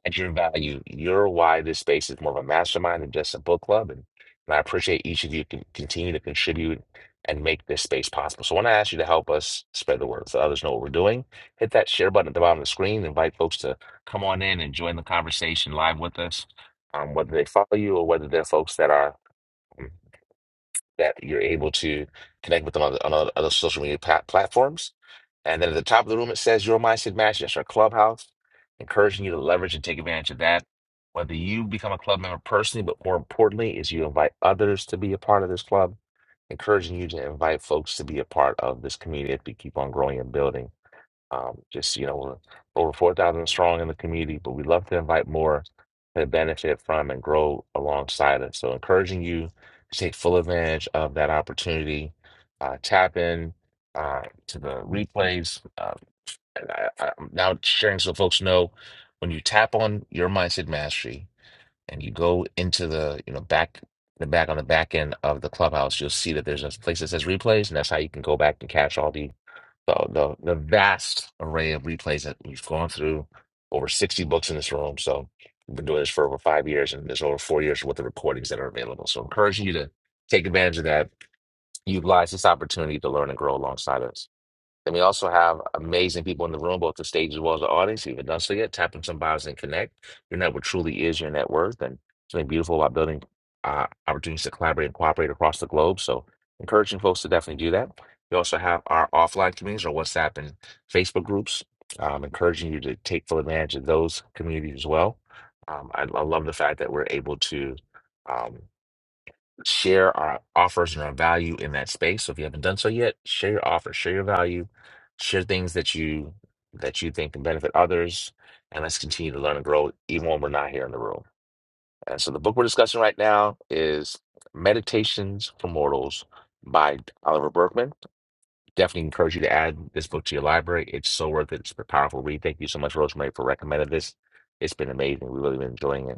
Speaker 1: add your value, you're why this space is more of a mastermind than just a book club. And, and I appreciate each of you can continue to contribute and make this space possible. So I want to ask you to help us spread the word so others know what we're doing. Hit that share button at the bottom of the screen. Invite folks to come on in and join the conversation live with us, um, whether they follow you or whether they're folks that are um, that you're able to connect with them on, the- on other other social media plat platforms. And then at the top of the room, it says Your Mindset Match. That's our clubhouse, encouraging you to leverage and take advantage of that. Whether you become a club member personally, but more importantly, is you invite others to be a part of this club, encouraging you to invite folks to be a part of this community if we keep on growing and building. Um, just, you know, we're over 4,000 strong in the community, but we love to invite more to benefit from and grow alongside us. So, encouraging you to take full advantage of that opportunity, uh, tap in uh, to the replays. Uh, and I, I'm now sharing so folks know when you tap on your mindset mastery and you go into the, you know, back. The back on the back end of the clubhouse, you'll see that there's a place that says replays, and that's how you can go back and catch all the so the the vast array of replays that we've gone through, over 60 books in this room. So we've been doing this for over five years, and there's over four years worth of recordings that are available. So encouraging you to take advantage of that, utilize this opportunity to learn and grow alongside us. Then we also have amazing people in the room, both the stage as well as the audience. If you haven't done so yet, tap in some bios and connect. Your network truly is your net worth, and something beautiful about building uh, opportunities to collaborate and cooperate across the globe. So, encouraging folks to definitely do that. We also have our offline communities, or WhatsApp and Facebook groups. Um, encouraging you to take full advantage of those communities as well. Um, I, I love the fact that we're able to. Um, share our offers and our value in that space. So if you haven't done so yet, share your offer, share your value, share things that you that you think can benefit others, and let's continue to learn and grow even when we're not here in the room. And so the book we're discussing right now is Meditations for Mortals by Oliver Berkman. Definitely encourage you to add this book to your library. It's so worth it. It's a powerful read. Thank you so much, Rosemary, for recommending this. It's been amazing. We've really been enjoying it.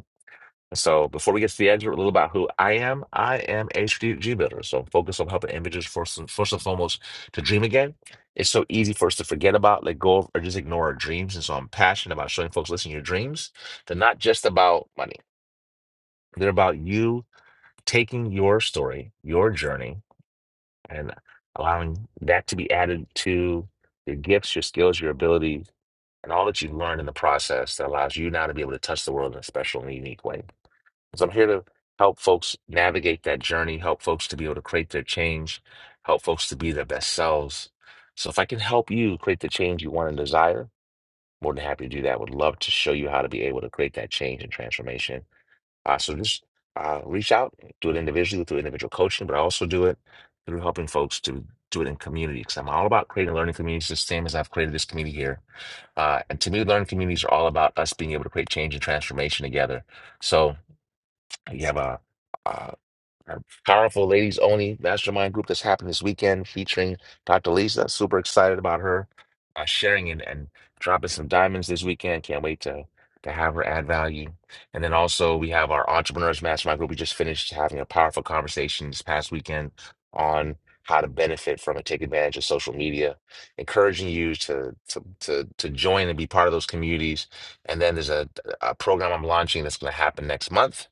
Speaker 1: So before we get to the excerpt, a little about who I am. I am a strategic builder, so I'm focused on helping individuals first and, first and foremost to dream again. It's so easy for us to forget about, let go of, or just ignore our dreams. And so I'm passionate about showing folks, listen, your dreams, they're not just about money. They're about you taking your story, your journey, and allowing that to be added to your gifts, your skills, your ability, and all that you learn in the process that allows you now to be able to touch the world in a special and unique way. So I'm here to help folks navigate that journey, help folks to be able to create their change, help folks to be their best selves. So if I can help you create the change you want and desire, more than happy to do that. Would love to show you how to be able to create that change and transformation. Uh, so just uh, reach out, do it individually through individual coaching, but I also do it through helping folks to do it in community because I'm all about creating learning communities, the same as I've created this community here. Uh, and to me, learning communities are all about us being able to create change and transformation together. So you have a, a, our powerful ladies only mastermind group that's happening this weekend featuring Dr. Lisa. Super excited about her uh, sharing and, and dropping some diamonds this weekend. Can't wait to to have her add value. And then also we have our entrepreneurs mastermind group. We just finished having a powerful conversation this past weekend on how to benefit from and take advantage of social media, encouraging you to to to, to join and be part of those communities. And then there's a, a program I'm launching that's going to happen next month.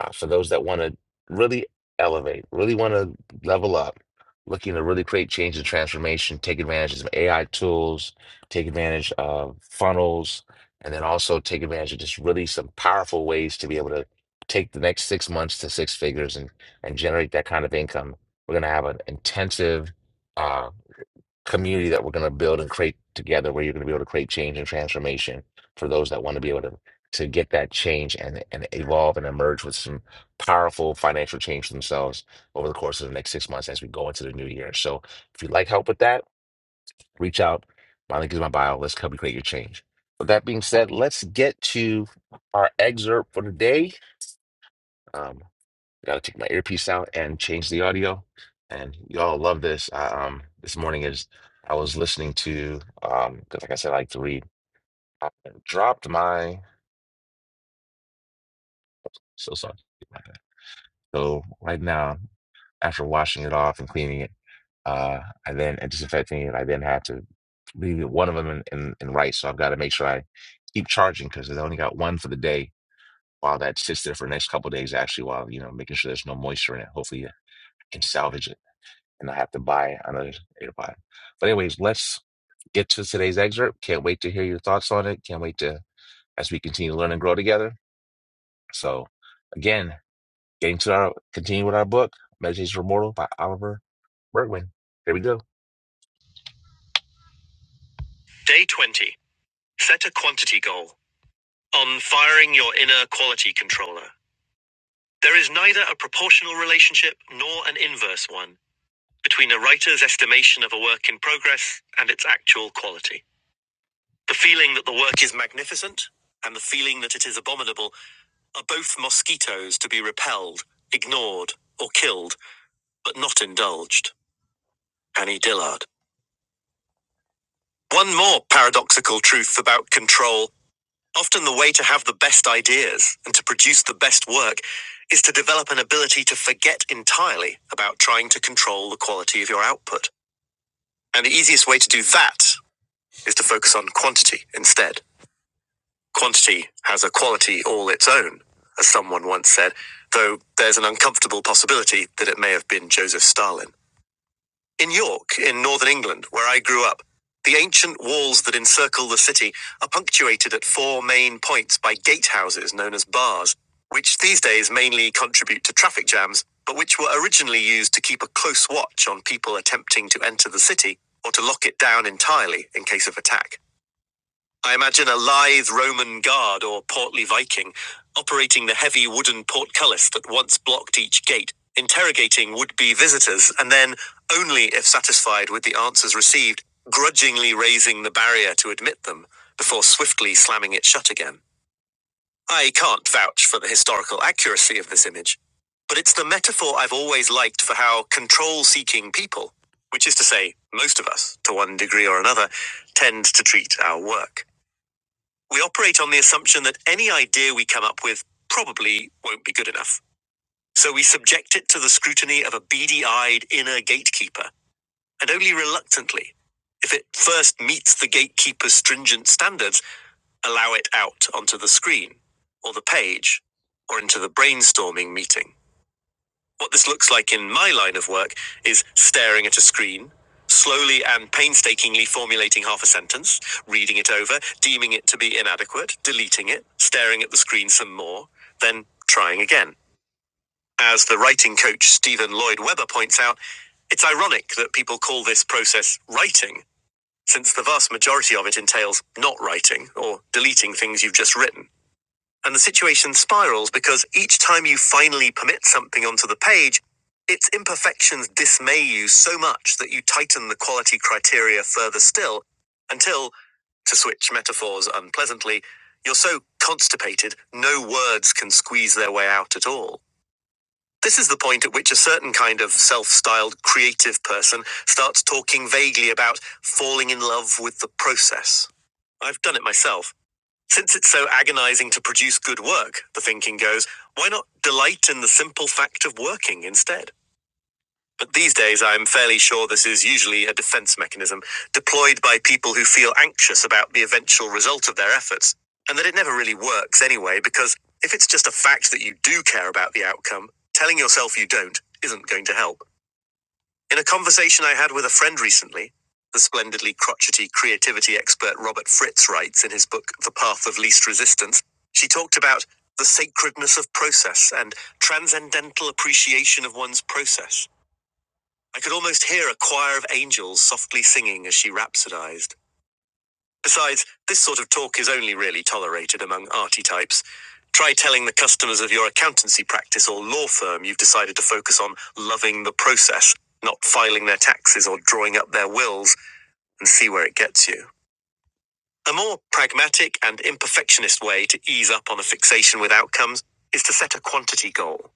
Speaker 1: Uh, for those that want to really elevate, really want to level up, looking to really create change and transformation, take advantage of some AI tools, take advantage of funnels, and then also take advantage of just really some powerful ways to be able to take the next six months to six figures and and generate that kind of income. We're going to have an intensive uh, community that we're going to build and create together where you're going to be able to create change and transformation for those that want to be able to to get that change and and evolve and emerge with some powerful financial change for themselves over the course of the next six months as we go into the new year. So if you'd like help with that, reach out. My link is in my bio. Let's help you create your change. With that being said, let's get to our excerpt for the day. Um, Got to take my earpiece out and change the audio. And y'all love this. I, um, this morning is I was listening to um, 'cause like I said, I like to read. I dropped my so sorry. So right now, after washing it off and cleaning it, uh, I then and disinfecting it, I then had to leave it- one of them in, in, in rice. So I've got to make sure I keep charging because I only got one for the day. While that sits there for the next couple of days, actually, while you know making sure there's no moisture in it, hopefully I can salvage it. and I have to buy another AirPod. But anyways, let's get to today's excerpt. Can't wait to hear your thoughts on it. Can't wait to as we continue to learn and grow together. So again, getting to our continue with our book, Meditations for Mortal by Oliver Bergman. Here we go. Day 20. Theta quantity goal. On firing your inner quality controller. There is neither a proportional relationship nor an inverse one between a writer's estimation of a work in progress and its actual quality. The feeling that the work is magnificent and the feeling that it is abominable are both mosquitoes to be repelled, ignored, or killed, but not indulged. Annie Dillard. One more paradoxical truth about control. Often the way to have the best ideas and to produce the best work is to develop an ability to forget entirely about trying to control the quality of your output. And the easiest way to do that is to focus on quantity instead. Quantity has a quality all its own, as someone once said, though there's an uncomfortable possibility that it may have been Joseph Stalin. In York, in northern England, where I grew up, the ancient walls that encircle the city are punctuated at four main points by gatehouses known as bars, which these days mainly contribute to traffic jams, but which were originally used to keep a close watch on people attempting to enter the city or to lock it down entirely in case of attack. I imagine a lithe Roman guard or portly Viking operating the heavy wooden portcullis that once blocked each gate, interrogating would be visitors, and then, only if satisfied with the answers received, grudgingly raising the barrier to admit them before swiftly slamming it shut again. I can't vouch for the historical accuracy of this image, but it's the metaphor I've always liked for how control seeking people, which is to say, most of us, to one degree or another, tend to treat our work. We operate on the assumption that any idea we come up with probably won't be good enough. So we subject it to the scrutiny of a beady eyed inner gatekeeper, and only reluctantly, if it first meets the gatekeeper's stringent standards, allow it out onto the screen, or the page, or into the brainstorming meeting. What this looks like in my line of work is staring at a screen, slowly and painstakingly formulating half a sentence, reading it over, deeming it to be inadequate, deleting it, staring at the screen some more, then trying again. As the writing coach Stephen Lloyd Webber points out, it's ironic that people call this process writing, since the vast majority of it entails not writing or deleting things you've just written. And the situation spirals because each time you finally permit something onto the page, its imperfections dismay you so much that you tighten the quality criteria further still until, to switch metaphors unpleasantly, you're so constipated no words can squeeze their way out at all. This is the point at which a certain kind of self styled creative person starts talking vaguely about falling in love with the process. I've done it myself. Since it's so agonizing to produce good work, the thinking goes, why not delight in the simple fact of working instead? But these days, I'm fairly sure this is usually a defense mechanism deployed by people who feel anxious about the eventual result of their efforts, and that it never really works anyway, because if it's just a fact that you do care about the outcome, telling yourself you don't isn't going to help. In a conversation I had with a friend recently, the splendidly crotchety creativity expert Robert Fritz writes in his book The Path of Least Resistance, she talked about the sacredness of process and transcendental appreciation of one's process. I could almost hear a choir of angels softly singing as she rhapsodized. Besides, this sort of talk is only really tolerated among arty types. Try telling the customers of your accountancy practice or law firm you've decided to focus on loving the process, not filing their taxes or drawing up their wills, and see where it gets you. A more pragmatic and imperfectionist way to ease up on a fixation with outcomes is to set a quantity goal.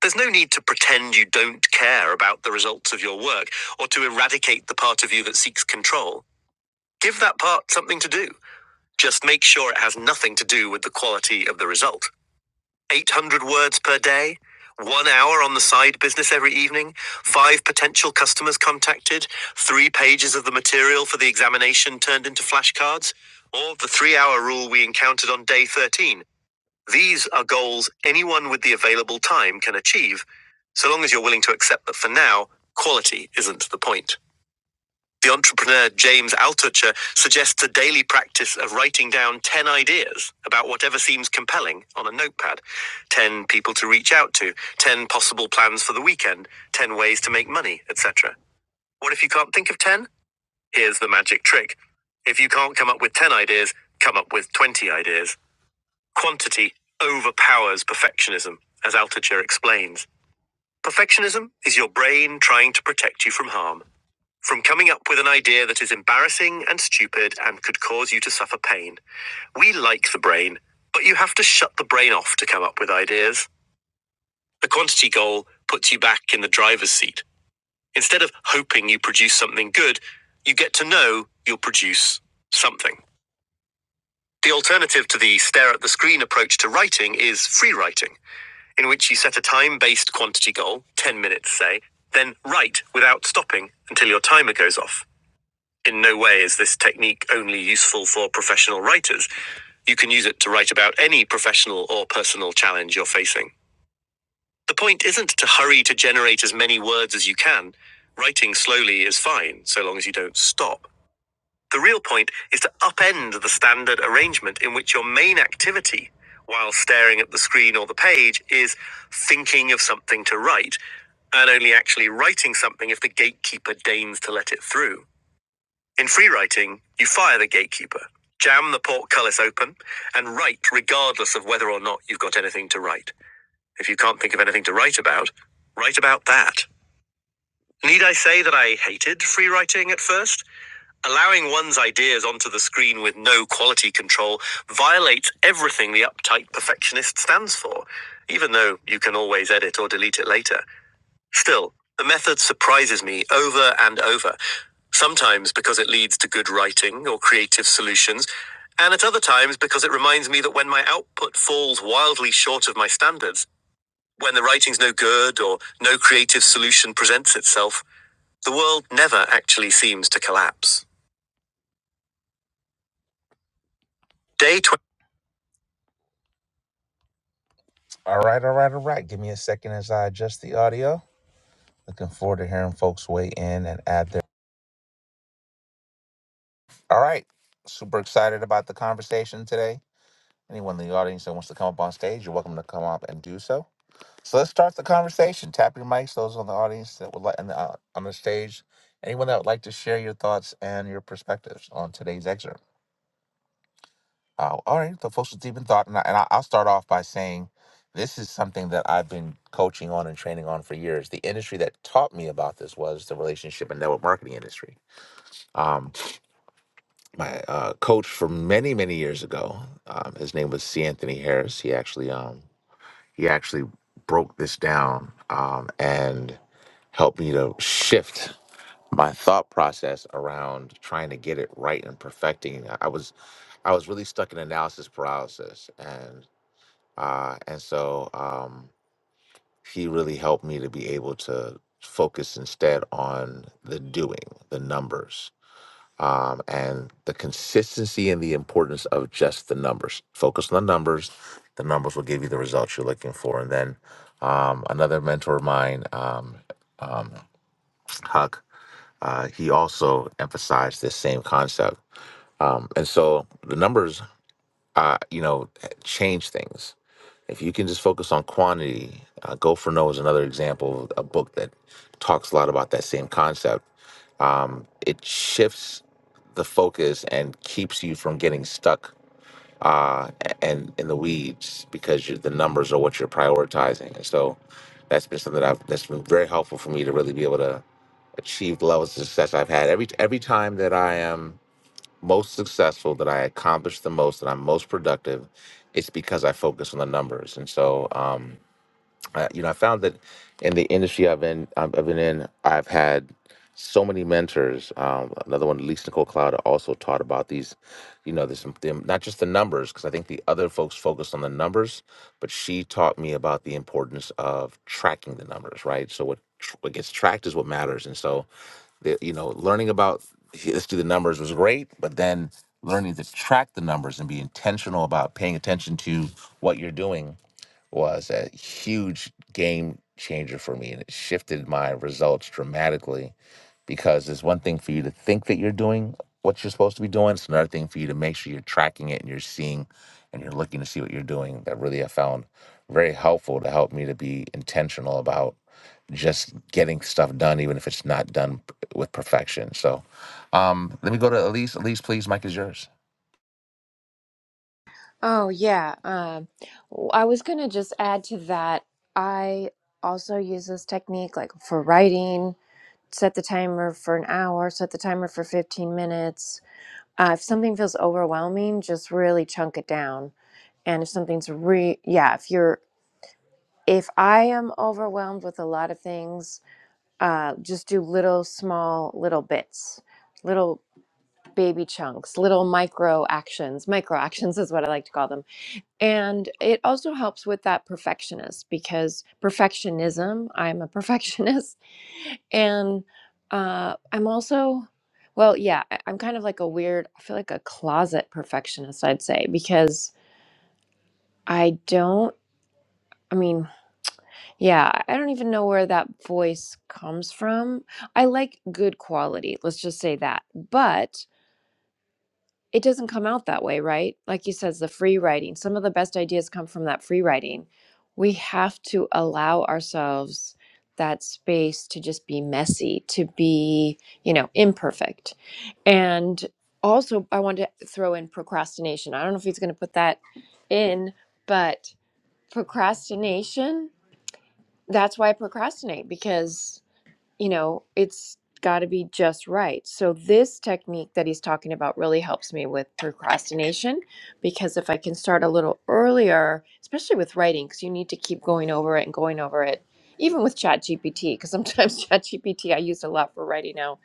Speaker 1: There's no need to pretend you don't care about the results of your work or to eradicate the part of you that seeks control. Give that part something to do Just make sure it has nothing to do with the quality of the result. 800 words per day, one hour on the side business every evening, five potential customers contacted, three pages of the material for the examination turned into flashcards, or the three hour rule we encountered on day 13. These are goals anyone with the available time can achieve, so long as you're willing to accept that for now, quality isn't the point. The entrepreneur James Altucher suggests a daily practice of writing down 10 ideas about whatever seems compelling on a notepad 10 people to reach out to, 10 possible plans for the weekend, 10 ways to make money, etc. What if you can't think of 10? Here's the magic trick. If you can't come up with 10 ideas, come up with 20 ideas. Quantity overpowers perfectionism, as Altucher explains. Perfectionism is your brain trying to protect you from harm. From coming up with an idea that is embarrassing and stupid and could cause you to suffer pain. We like the brain, but you have to shut the brain off to come up with ideas. The quantity goal puts you back in the driver's seat. Instead of hoping you produce something good, you get to know you'll produce something. The alternative to the stare at the screen approach to writing is free writing, in which you set a time based quantity goal, 10 minutes, say, then write without stopping until your timer goes off. In no way is this technique only useful for professional writers. You can use it to write about any professional or personal challenge you're facing. The point isn't to hurry to generate as many words as you can. Writing slowly is fine, so long as you don't stop. The real point is to upend the standard arrangement in which your main activity, while staring at the screen or the page, is thinking of something to write, and only actually writing something if the gatekeeper deigns to let it through. In free writing, you fire the gatekeeper, jam the portcullis open, and write regardless of whether or not you've got anything to write. If you can't think of anything to write about, write about that. Need I say that I hated free writing at first? Allowing one's ideas onto the screen with no quality control violates everything the uptight perfectionist stands for, even though you can always edit or delete it later. Still, the method surprises me over and over, sometimes because it leads to good writing or creative solutions, and at other times because it reminds me that when my output falls wildly short of my standards, when the writing's no good or no creative solution presents itself, the world never actually seems to collapse. Day 20. all right, all right, all right. Give me a second as I adjust the audio. Looking forward to hearing folks weigh in and add their. All right. Super excited about the conversation today. Anyone in the audience that wants to come up on stage, you're welcome to come up and do so. So let's start the conversation. Tap your mics. Those on the audience that would like and uh, on the stage, anyone that would like to share your thoughts and your perspectives on today's excerpt. Uh, all right, the folks with deep in thought, and, I, and I- I'll start off by saying this is something that I've been coaching on and training on for years. The industry that taught me about this was the relationship and network marketing industry. Um, my uh, coach for many many years ago, um, his name was C. Anthony Harris. He actually um, he actually broke this down um, and helped me to shift my thought process around trying to get it right and perfecting. I was I was really stuck in analysis paralysis, and uh, and so um, he really helped me to be able to focus instead on the doing, the numbers, um, and the consistency and the importance of just the numbers. Focus on the numbers. The numbers will give you the results you're looking for. And then um, another mentor of mine, um, um, Huck, uh, he also emphasized this same concept. Um, and so the numbers, uh, you know, change things. If you can just focus on quantity, uh, Go for No is another example of a book that talks a lot about that same concept. Um, it shifts the focus and keeps you from getting stuck uh, a- and in the weeds because you the numbers are what you're prioritizing. And so that's been something that I've, that's been very helpful for me to really be able to achieve the levels of success I've had. Every every time that I am most successful, that I accomplish the most, that I'm most productive, it's because I focus on the numbers. And so, um, I, you know, I found that in the industry I've been I've I've been in, I've had so many mentors. Um, another one, Lisa Nicole Cloud, also taught about these, you know, this the, not just the numbers, because I think the other folks focused on the numbers, but she taught me about the importance of tracking the numbers, right? So what tr- what gets tracked is what matters, and so the- you know, learning about let's do the numbers was great, but then learning to track the numbers and be intentional about paying attention to what you're doing was a huge game changer for me, and it shifted my results dramatically. Because it's one thing for you to think that you're doing what you're supposed to be doing; it's another thing for you to make sure you're tracking it and you're seeing and you're looking to see what you're doing. That really I found very helpful to help me to be intentional about just getting stuff done, even if it's not done p- with perfection. So um, let me go to Elise. Elise, please, Mike is yours.
Speaker 3: Oh, yeah. Um, w- I was going to just add to that. I also use this technique like for writing, set the timer for an hour, set the timer for 15 minutes. Uh, if something feels overwhelming, just really chunk it down. And if something's re, yeah, if you're, if I am overwhelmed with a lot of things, uh, just do little small little bits little baby chunks little micro actions micro actions is what i like to call them and it also helps with that perfectionist because perfectionism i'm a perfectionist and uh, i'm also well yeah I- i'm kind of like a weird i feel like a closet perfectionist i'd say because i don't i mean Yeah, I don't even know where that voice comes from. I like good quality, let's just say that. But it doesn't come out that way, right? Like you says, the free writing. Some of the best ideas come from that free writing. We have to allow ourselves that space to just be messy, to be, you know, imperfect. And also, I want to throw in procrastination. I don't know if he's going to put that in, but procrastination, that's why I procrastinate because you know, it's got to be just right. So, this technique that he's talking about really helps me with procrastination because if I can start a little earlier, especially with writing, because you need to keep going over it and going over it, even with ChatGPT, because sometimes ChatGPT I use a lot for writing now,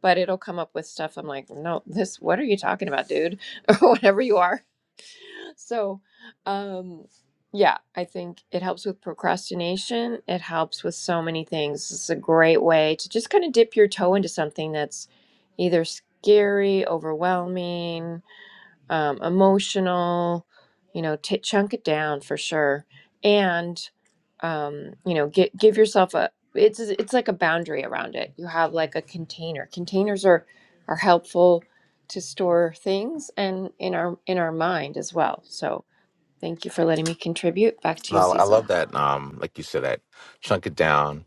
Speaker 3: but it'll come up with stuff I'm like, no, this, what are you talking about, dude? Or whatever you are so, um, yeah, I think it helps with procrastination. It helps with so many things. It's a great way to just kind of dip your toe into something that's either scary, overwhelming, um, emotional. You know, t- chunk it down for sure, and um, you know, get, give yourself a. It's it's like a boundary around it. You have like a container. Containers are are helpful to store things and in our in our mind as well. So Thank you for letting me contribute. Back to you,
Speaker 1: Well, I
Speaker 3: Cecil.
Speaker 1: love that. Um, like you said, that chunk it down.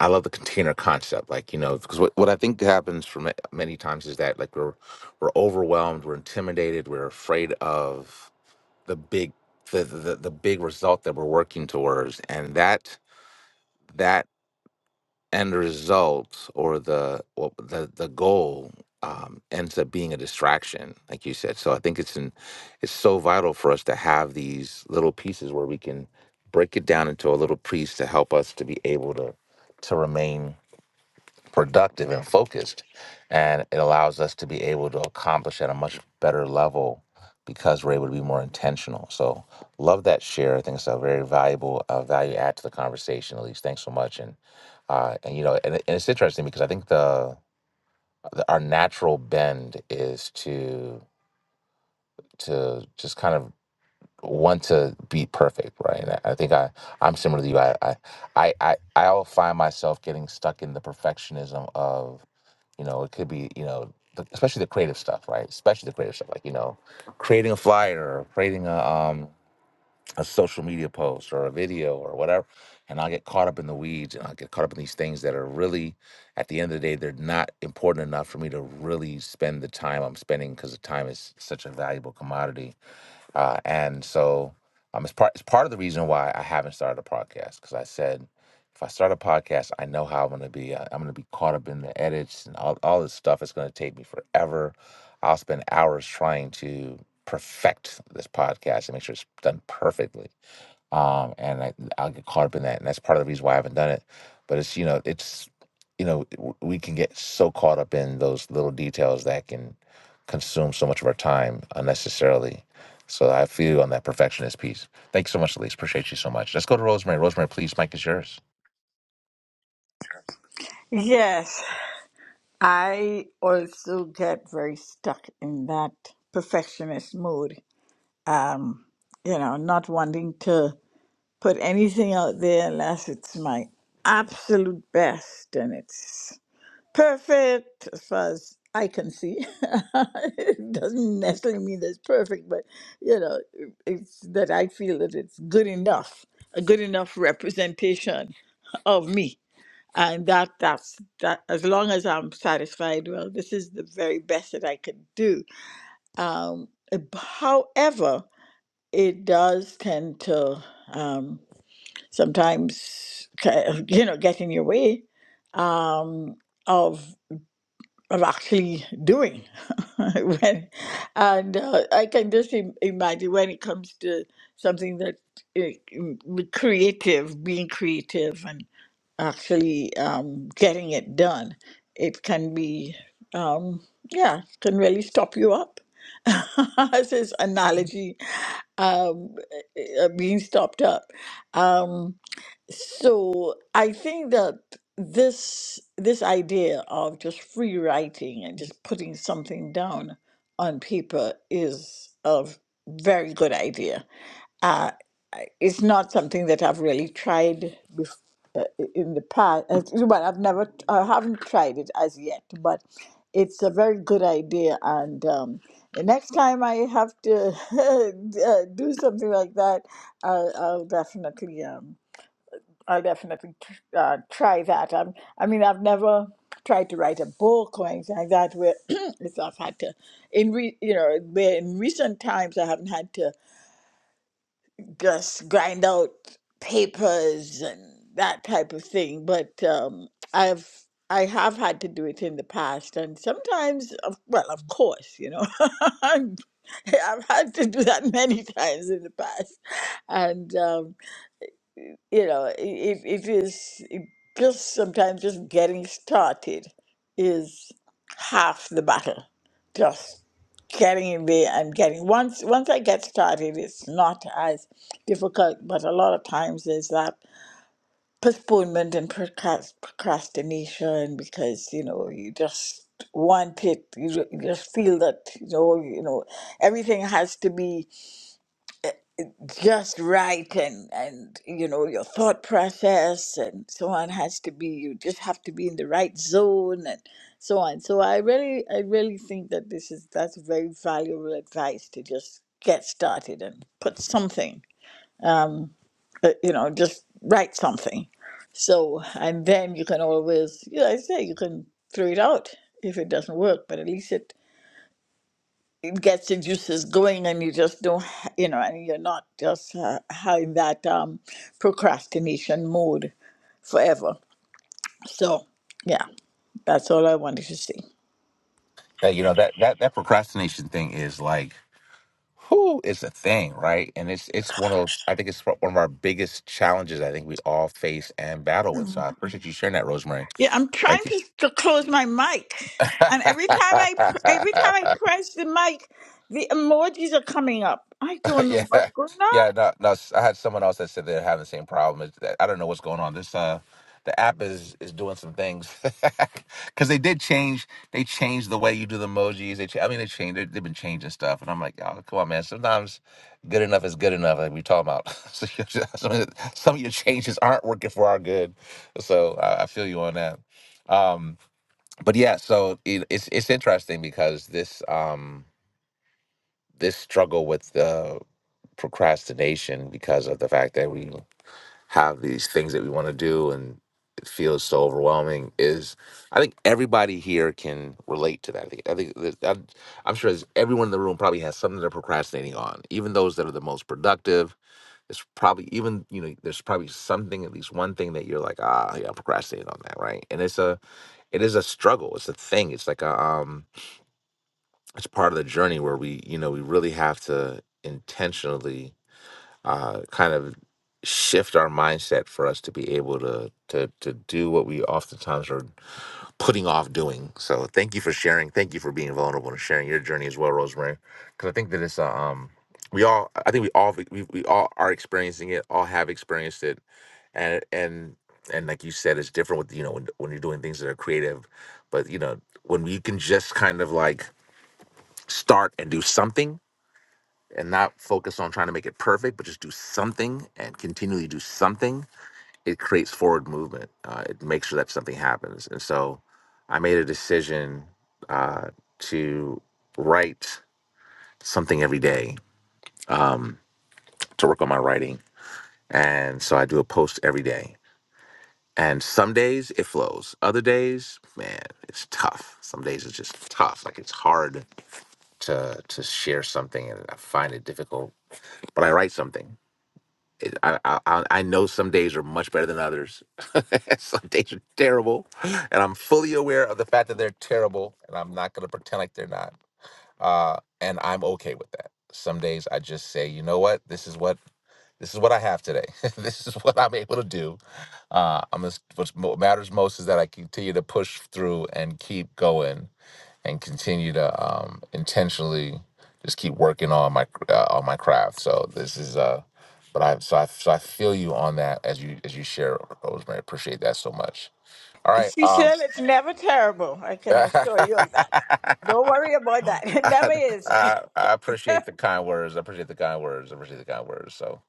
Speaker 1: I love the container concept. Like you know, because what, what I think happens for ma- many times is that like we're we're overwhelmed, we're intimidated, we're afraid of the big the the, the big result that we're working towards, and that that. end result or the or the the goal um, ends up being a distraction, like you said. So I think it's in, it's so vital for us to have these little pieces where we can break it down into a little piece to help us to be able to to remain productive and focused. And it allows us to be able to accomplish at a much better level because we're able to be more intentional. So, love that share. I think it's a very valuable uh, value add to the conversation, at least. Thanks so much. And, uh, and you know, and, it- and it's interesting because I think the, the our natural bend is to to just kind of want to be perfect, right? And I, I think I I'm similar to you. I I I I I'll find myself getting stuck in the perfectionism of you know it could be you know the, especially the creative stuff, right? Especially the creative stuff, like you know creating a flyer or creating a um a social media post or a video or whatever. And I'll get caught up in the weeds and I'll get caught up in these things that are really, at the end of the day, they're not important enough for me to really spend the time I'm spending because the time is such a valuable commodity uh, and so um, it's part it's part of the reason why I haven't started a podcast because I said if I start a podcast, I know how I'm gonna be. Uh, I'm gonna be caught up in the edits and all all this stuff. It's gonna take me forever. I'll spend hours trying to perfect this podcast and make sure it's done perfectly um, and I, I'll get caught up in that, and that's part of the reason why I haven't done it. But it's you know, it's you know, w- we can get so caught up in those little details that can consume so much of our time unnecessarily. So I feel on that perfectionist piece. Thanks so much, Elise. Appreciate you so much. Let's go to Rosemary. Rosemary, please, Mike is yours.
Speaker 5: Yes, I also get very stuck in that perfectionist mood. Um, you know, not wanting to put anything out there unless it's my absolute best and it's perfect as far as I can see. it doesn't necessarily mean that it's perfect, but you know, it's that I feel that it's good enough, a good enough representation of me and that that's that as long as i'm satisfied well this is the very best that i can do um uh, however it does tend to um sometimes ki- you know get in your way um of of actually doing when, and uh, i can just im- imagine when it comes to something that uh, mm, creative being creative actually um, getting it done. It can be, um, yeah, can really stop you up. As his analogy, um, uh, being stopped up. Um, so I think that this this idea of just free writing and just putting something down on paper is a very good idea uh, it's not something that I've really tried bef- uh, in the past. Well, I've never, t- I have never I have not tried it as yet, but it's a very good idea. And um, the next time I have to uh, do something like that, I'll, I'll definitely, um, I'll definitely tr- uh, try that. I'm, I mean, I've never tried to write a book or anything like that where it's I've had to in re, you know where in recent times I haven't had to just grind out papers and that type of thing. But um, I've I have had to do it in the past, and sometimes, of, well, of course, you know, I've had to do that many times in the past, and. um, you know, i- it, it is it just sometimes just getting started is half the battle. Just getting in there and getting once once I get started, it's not as difficult. But a lot of times there's that postponement and procrast- procrastination because you know you just want it. You, ju- you just feel that you know you know everything has to be just right and and you know your thought process and so on has to be you just have to be in the right zone and so on so i really i really think that this is that's very valuable advice to just get started and put something um uh, you know just write something so and then you can always you know, i say you can throw it out if it doesn't work but at least it you get your juices going and you just don't ha- you know and you're not just uh, having that um procrastination mode forever so yeah that's all i wanted to say
Speaker 1: That you know that that that procrastination thing is like, who is it's a thing, right? And it's it's one of those. I think it's one of our biggest challenges. I think we all face and battle with. So I appreciate you sharing that, Rosemary.
Speaker 5: yeah i'm
Speaker 1: Thank you.
Speaker 5: trying to, to close my mic and every time i pr- every time i press the mic the emojis are coming up i don't know
Speaker 1: yeah,
Speaker 5: what's going on
Speaker 1: yeah. No, no. s- I had someone else that said they're having the same problem. It's that- I don't know what's going on. This uh, the app is is doing some things because they did change. They changed the way you do the emojis. They, cha- I mean, they changed. they- They've been changing stuff, and I'm like, oh, come on, man. Sometimes good enough is good enough. Like we talking about. so you're just- some of the- some of your changes aren't working for our good. So I, I feel you on that. Um, but yeah, so it, it's it's interesting because this um this struggle with uh, procrastination because of the fact that we have these things that we want to do and it feels so overwhelming is i think everybody here can relate to that i think, I think that, that- i'm sure there's- everyone in the room probably has something they're procrastinating on even those that are the most productive it's probably even you know there's probably something at least one thing that you're like ah yeah i'm procrastinating on that right and it's a it is a struggle it's a thing it's like a um it's part of the journey where we you know we really have to intentionally uh kind of shift our mindset for us to be able to to to do what we oftentimes are putting off doing so thank you for sharing thank you for being vulnerable and sharing your journey as well rosemary because i think that it's uh, um we all i think we all we, we all are experiencing it all have experienced it and and and like you said it's different with you know when, when you're doing things that are creative but you know when we can just kind of like start and do something and not focus on trying to make it perfect, but just do something and continually do something, it creates forward movement. Uh, it makes sure that something happens. And so I made a decision uh, to write something every day, to work on my writing. And so I do a post every day. And some days it flows. Other days, man, it's tough. Some days it's just tough. Like it's hard to to share something and I find it difficult. But I write something it- I, I I I know some days are much better than others. some days are terrible, and I'm fully aware of the fact that they're terrible, and I'm not going to pretend like they're not. Uh, and I'm okay with that. Some days I just say, you know what, this is what this is what I have today. this is what I'm able to do. Uh, I'm just, what matters most is that I continue to push through and keep going and continue to um, intentionally just keep working on my uh, on my craft. So this is uh, but I so I so I feel you on that as you as you share, Rosemary. Appreciate that so much. All right.
Speaker 5: she
Speaker 1: Um,
Speaker 5: said it's never terrible i can assure
Speaker 1: I,
Speaker 5: you of that don't worry about that it never is
Speaker 1: I appreciate the kind words. I appreciate the kind words. I appreciate the kind words. So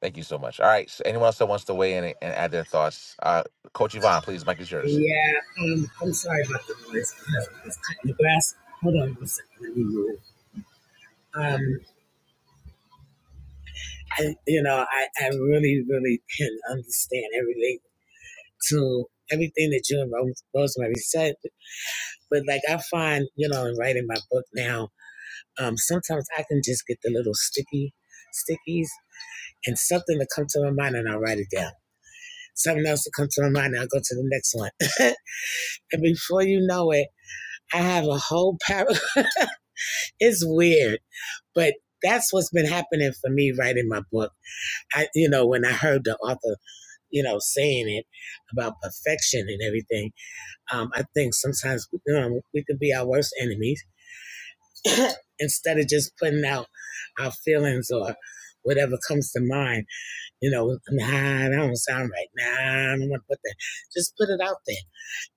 Speaker 1: thank you so much. All right. So anyone else that wants to weigh in and and add their thoughts, uh, Coach Yvonne, please, Mike is yours.
Speaker 8: Yeah, um, I'm sorry about the noise. It's cutting the grass. Hold on one second. Let me move. Um, I, you know, I, I really, really can understand everything to everything that you and Rose- Rosemary said. But like I find, you know, in writing my book now, um, sometimes I can just get the little sticky stickies and something to come to my mind and I write it down. something else will come to my mind and I'll go to the next one. and before you know it, I have a whole paragraph. it's weird, but that's what's been happening for me writing my book. I you know, when I heard the author, you know, saying it about perfection and everything, um, I think sometimes you know, we can be our worst enemies instead of just putting out our feelings or whatever comes to mind, you know, nah, that don't sound right. Nah, I don't want to put that. Just put it out there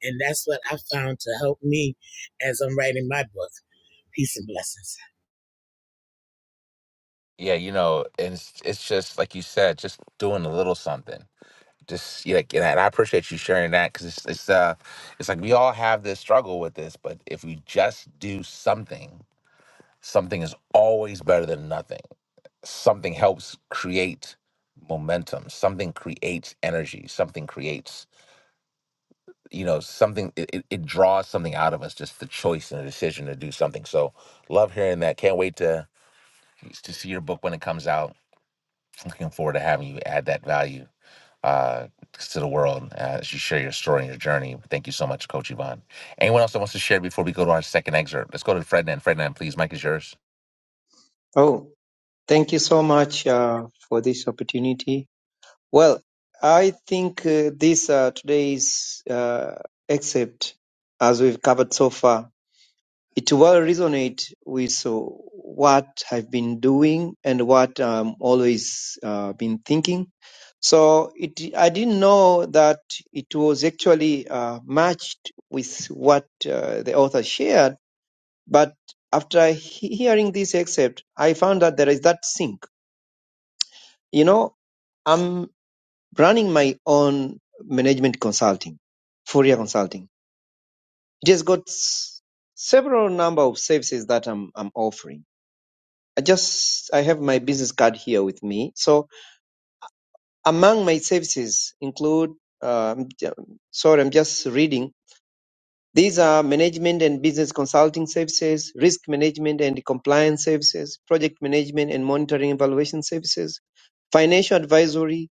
Speaker 8: And that's what I found to help me as I'm writing my book. Peace and blessings.
Speaker 1: Yeah, you know, and it's, it's just like you said, just doing a little something just yeah, like, and I and I appreciate you sharing that because it's it's uh it's like we all have this struggle with this, but if we just do something, something is always better than nothing. Something helps create momentum. Something creates energy. Something creates you know something. It, it it draws something out of us. Just the choice and the decision to do something. So love hearing that. Can't wait to to see your book when it comes out. Looking forward to having you add that value. uh, to the world as you share your story and your journey. Thank you so much, Coach Yvonne. Anyone else that wants to share before we go to our second excerpt? Let's go to Ferdinand. Ferdinand, please, Mike is yours.
Speaker 9: Oh, thank you so much uh, for this opportunity. Well, I think uh, this uh, today's uh, excerpt, as we've covered so far, it will resonate with uh, what I've been doing and what I'm always uh, been thinking. So it, I didn't know that it was actually uh, matched with what uh, the author shared But after he- hearing this excerpt, I found that there is that sync. You know, I'm running my own management consulting, Fourier Consulting. It has got s- several number of services that I'm, I'm offering. I just, I have my business card here with me. So among my services include, uh, I'm j- sorry, I'm just reading. These are management and business consulting services, risk management and compliance services, project management and monitoring evaluation services, Financial advisory,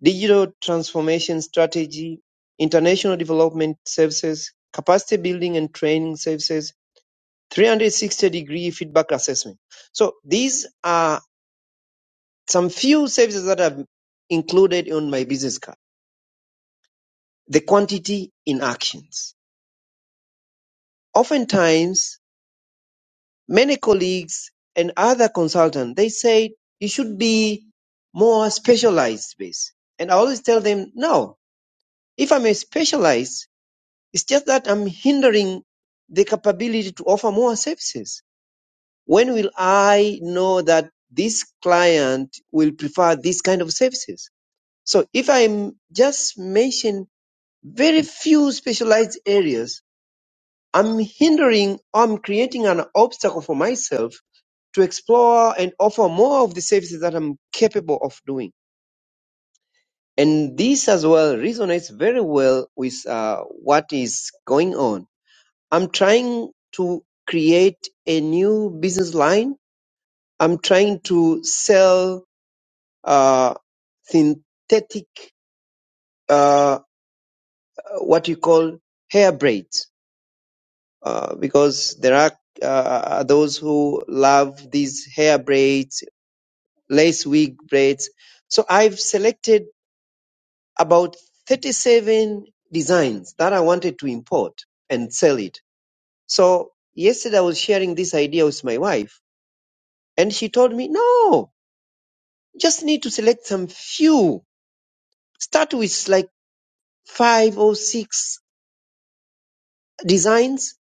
Speaker 9: digital transformation strategy, international development services, capacity building and training services, 360 degree feedback assessment. So these are some few services that I've included on my business card. The quantity in actions. Oftentimes, many colleagues and other consultants, they say you should be more specialized based. And I always tell them, no, if I'm a specialized It's just that I'm hindering the capability to offer more services. When will I know that this client will prefer this kind of services? So if I'm just mention very few specialized areas, I'm hindering, I'm creating an obstacle for myself to explore and offer more of the services that I'm capable of doing. And this as well resonates very well with uh, what is going on I'm trying to create a new business line. I'm trying to sell uh, synthetic, uh, what you call hair braids, uh, because there are uh, those who love these hair braids, lace wig braids. So I've selected about 37 designs that I wanted to import and sell it. So yesterday I was sharing this idea with my wife and she told me, no, You just need to select some few. Start with like five or six designs.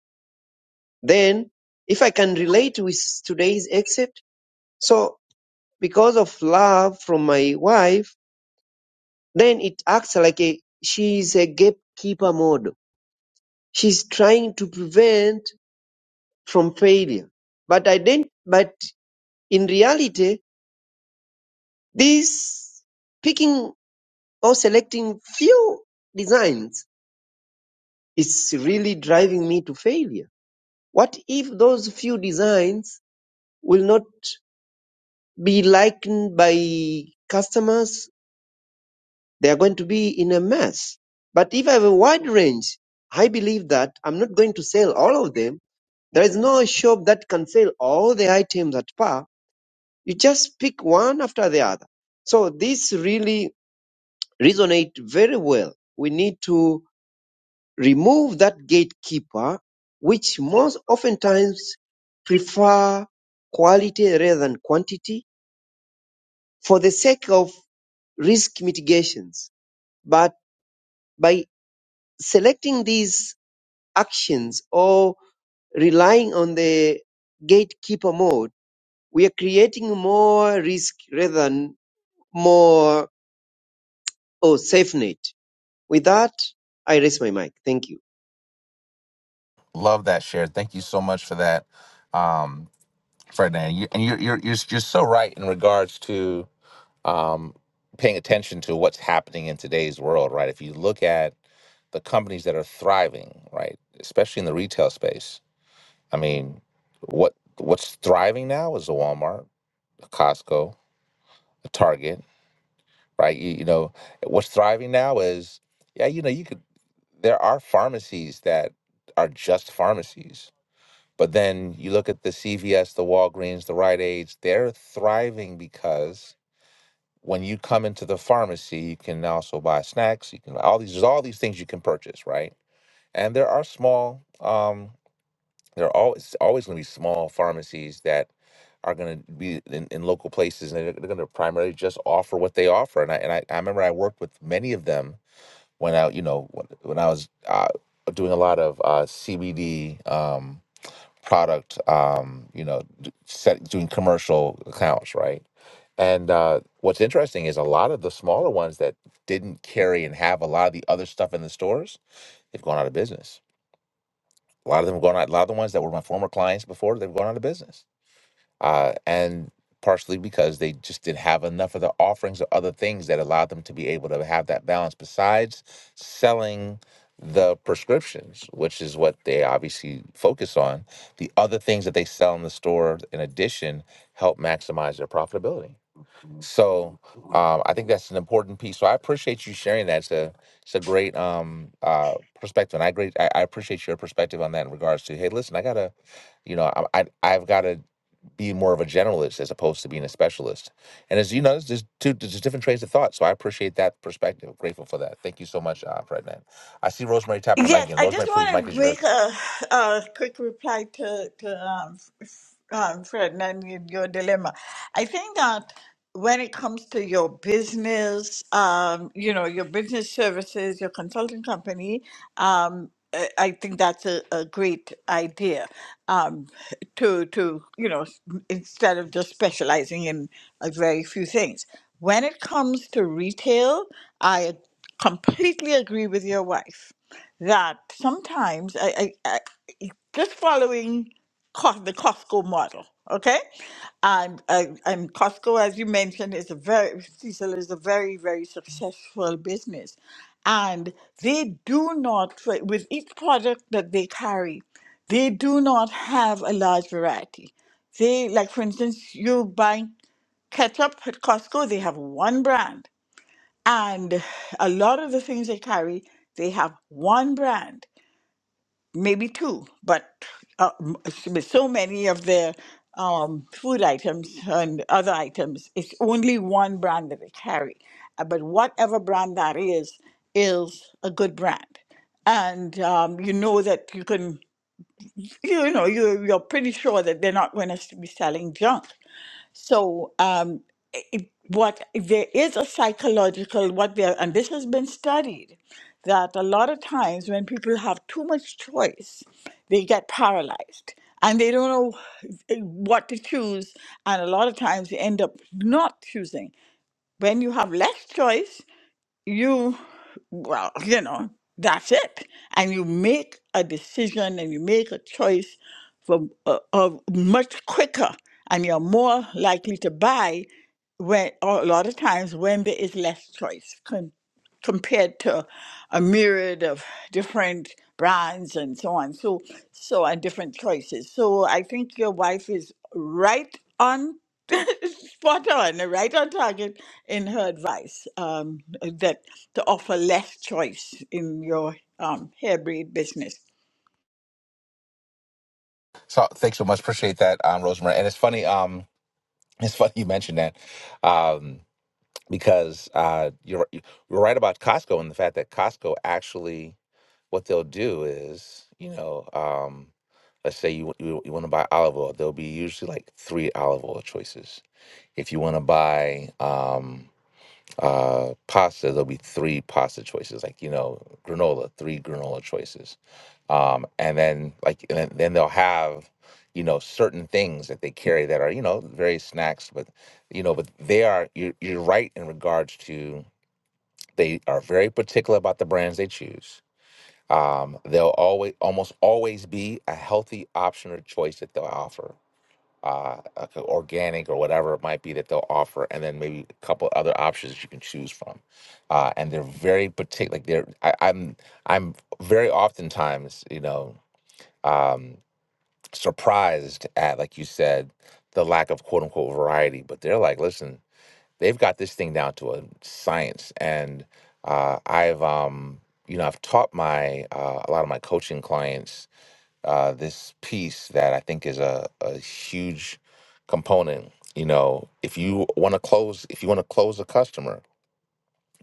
Speaker 9: Then, if I can relate with today's excerpt, so because of love from my wife, then it acts like a she's a gatekeeper model. She's trying to prevent from failure. But I didn't. But in reality, this picking or selecting few designs is really driving me to failure What if those few designs will not be liked by customers? They are going to be in a mess. But if I have a wide range, I believe that I'm not going to sell all of them. There is no shop that can sell all the items at par. You just pick one after the other. So this really resonates very well. We need to remove that gatekeeper, which most oftentimes prefer quality rather than quantity for the sake of risk mitigations. But by selecting these actions or relying on the gatekeeper mode, we are creating more risk rather than more or safe net. With that, I raise my mic. Thank you.
Speaker 1: Love that share. Thank you so much for that, um, Ferdinand. You, and you're, you're you're you're so right in regards to um, paying attention to what's happening in today's world, right? If you look at the companies that are thriving, right, especially in the retail space, I mean, what what's thriving now is a Walmart, a Costco, a Target right? You, you know, what's thriving now is, yeah, you know, you could, there are pharmacies that are just pharmacies. But then you look at the CVS, the Walgreens, the Rite Aids, they're thriving because when you come into the pharmacy, you can also buy snacks. You can all these, there's all these things you can purchase, right? And there are small, um, there are always always going to be small pharmacies that are going to be in, in local places, and they're, they're going to primarily just offer what they offer. And I and I, I remember I worked with many of them when I, you know, when I was uh, doing a lot of uh, CBD um, product, um, you know, d- set, doing commercial accounts, right? And uh, what's interesting is a lot of the smaller ones that didn't carry and have a lot of the other stuff in the stores, they've gone out of business. A lot of them have gone out. A lot of the ones that were my former clients before, they've gone out of business uh, and partially because they just didn't have enough of the offerings or other things that allowed them to be able to have that balance besides selling the prescriptions which is what they obviously focus on the other things that they sell in the store in addition help maximize their profitability so um, i think that's an important piece so i appreciate you sharing that it's a, it's a great um, uh, perspective and i great I, I appreciate your perspective on that in regards to hey listen i gotta you know I, I i've got to be more of a generalist as opposed to being a specialist. And as you know, there's just two there's just different trains of thought. So I appreciate that perspective. Grateful for that. Thank you so much, uh, Fredman. I see Rosemary tapping her mic
Speaker 5: Yes,
Speaker 1: again.
Speaker 5: I just
Speaker 1: Rosemary, please, mic
Speaker 5: want to
Speaker 1: is
Speaker 5: make
Speaker 1: yours.
Speaker 5: a, a quick reply to to um, f- um, Fred and your dilemma. I think that when it comes to your business, um, you know, your business services, your consulting company, um, I I think that's a, a great idea um, to to you know s- instead of just specializing in a very few things. When it comes to retail, I completely agree with your wife that sometimes I, I, I just following Co- the Costco model, okay? And, and and Costco, as you mentioned, is a very Cecil is a very very successful business, and they do not for- with each product that they carry, they do not have a large variety. They like, for instance, you buy ketchup at Costco, they have one brand, and a lot of the things they carry, they have one brand maybe two, but uh, m- s- with so many of their um, food items and other items, it's only one brand that they carry. Uh, But whatever brand that is, is a good brand. And um, you know that you can, you know, you, you're pretty sure that they're not going to be selling junk. So, um, i- what there is a psychological what there, and this has been studied, that a lot of times when people have too much choice, they get paralyzed and they don't know eh, what to choose, and a lot of times they end up not choosing. When you have less choice, you well you know that's it and you make a decision and you make a choice for uh, uh, much quicker and you're more likely to buy when or a lot of times when there is less choice compared to a myriad of different brands and so on. So so and different choices. So I think your wife is right on spot on, right on target in her advice. Um, that to offer less choice in your um, hair braid business.
Speaker 1: So thanks so much. Appreciate that, um, Rosemary. And it's funny, um, it's funny you mentioned that. Um, because uh, you're you're right about Costco and the fact that Costco actually what they'll do is, you know, um, let's say you you, you want to buy olive oil, there'll be usually like three olive oil choices If you want to buy um, uh, pasta, there'll be three pasta choices. Like you know, granola, three granola choices, um, and then like and then, then they'll have you know certain things that they carry that are you know various snacks, but you know, but they are you're, you're right in regards to they are very particular about the brands they choose. Um, they'll always almost always be a healthy option or choice that they'll offer uh, like a organic or whatever it might be that they'll offer, and then maybe a couple other options that you can choose from. Uh, and they're very particular. Like they're, I, I'm, I'm very oftentimes, you know, um, surprised at, like you said, the lack of quote unquote variety. But they're like, listen, they've got this thing down to a science, and uh, I've, um, you know, I've taught my uh, a lot of my coaching clients uh, this piece that I think is a, a huge component. You know, if you want to close, if you want to close a customer,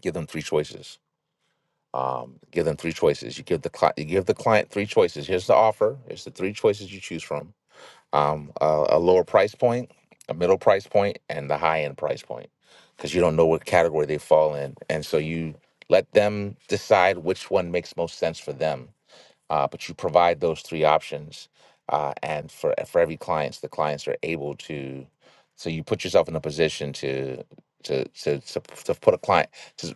Speaker 1: give them three choices. Um, give them three choices. You give the cli- you give the client three choices. Here's the offer. Here's the three choices you choose from. Um, a, a lower price point, a middle price point, and the high end price point, because you don't know what category they fall in, and so you let them decide which one makes most sense for them uh, but you provide those three options uh, and for uh, for every clients the clients are able to so you put yourself in a position to to to, to, to put a client to,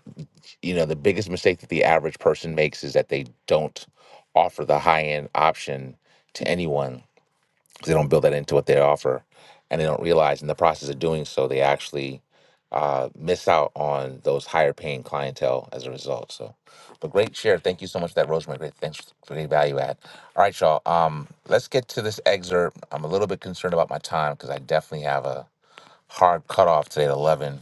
Speaker 1: you know the biggest mistake that the average person makes is that they don't offer the high end option to anyone because they don't build that into what they offer and they don't realize in the process of doing so they actually uh, miss out on those higher paying clientele as a result so but great share thank you so much for that rosemary great thanks for the value add all right y'all um, let's get to this excerpt i'm a little bit concerned about my time because i definitely have a hard cutoff today at 11 let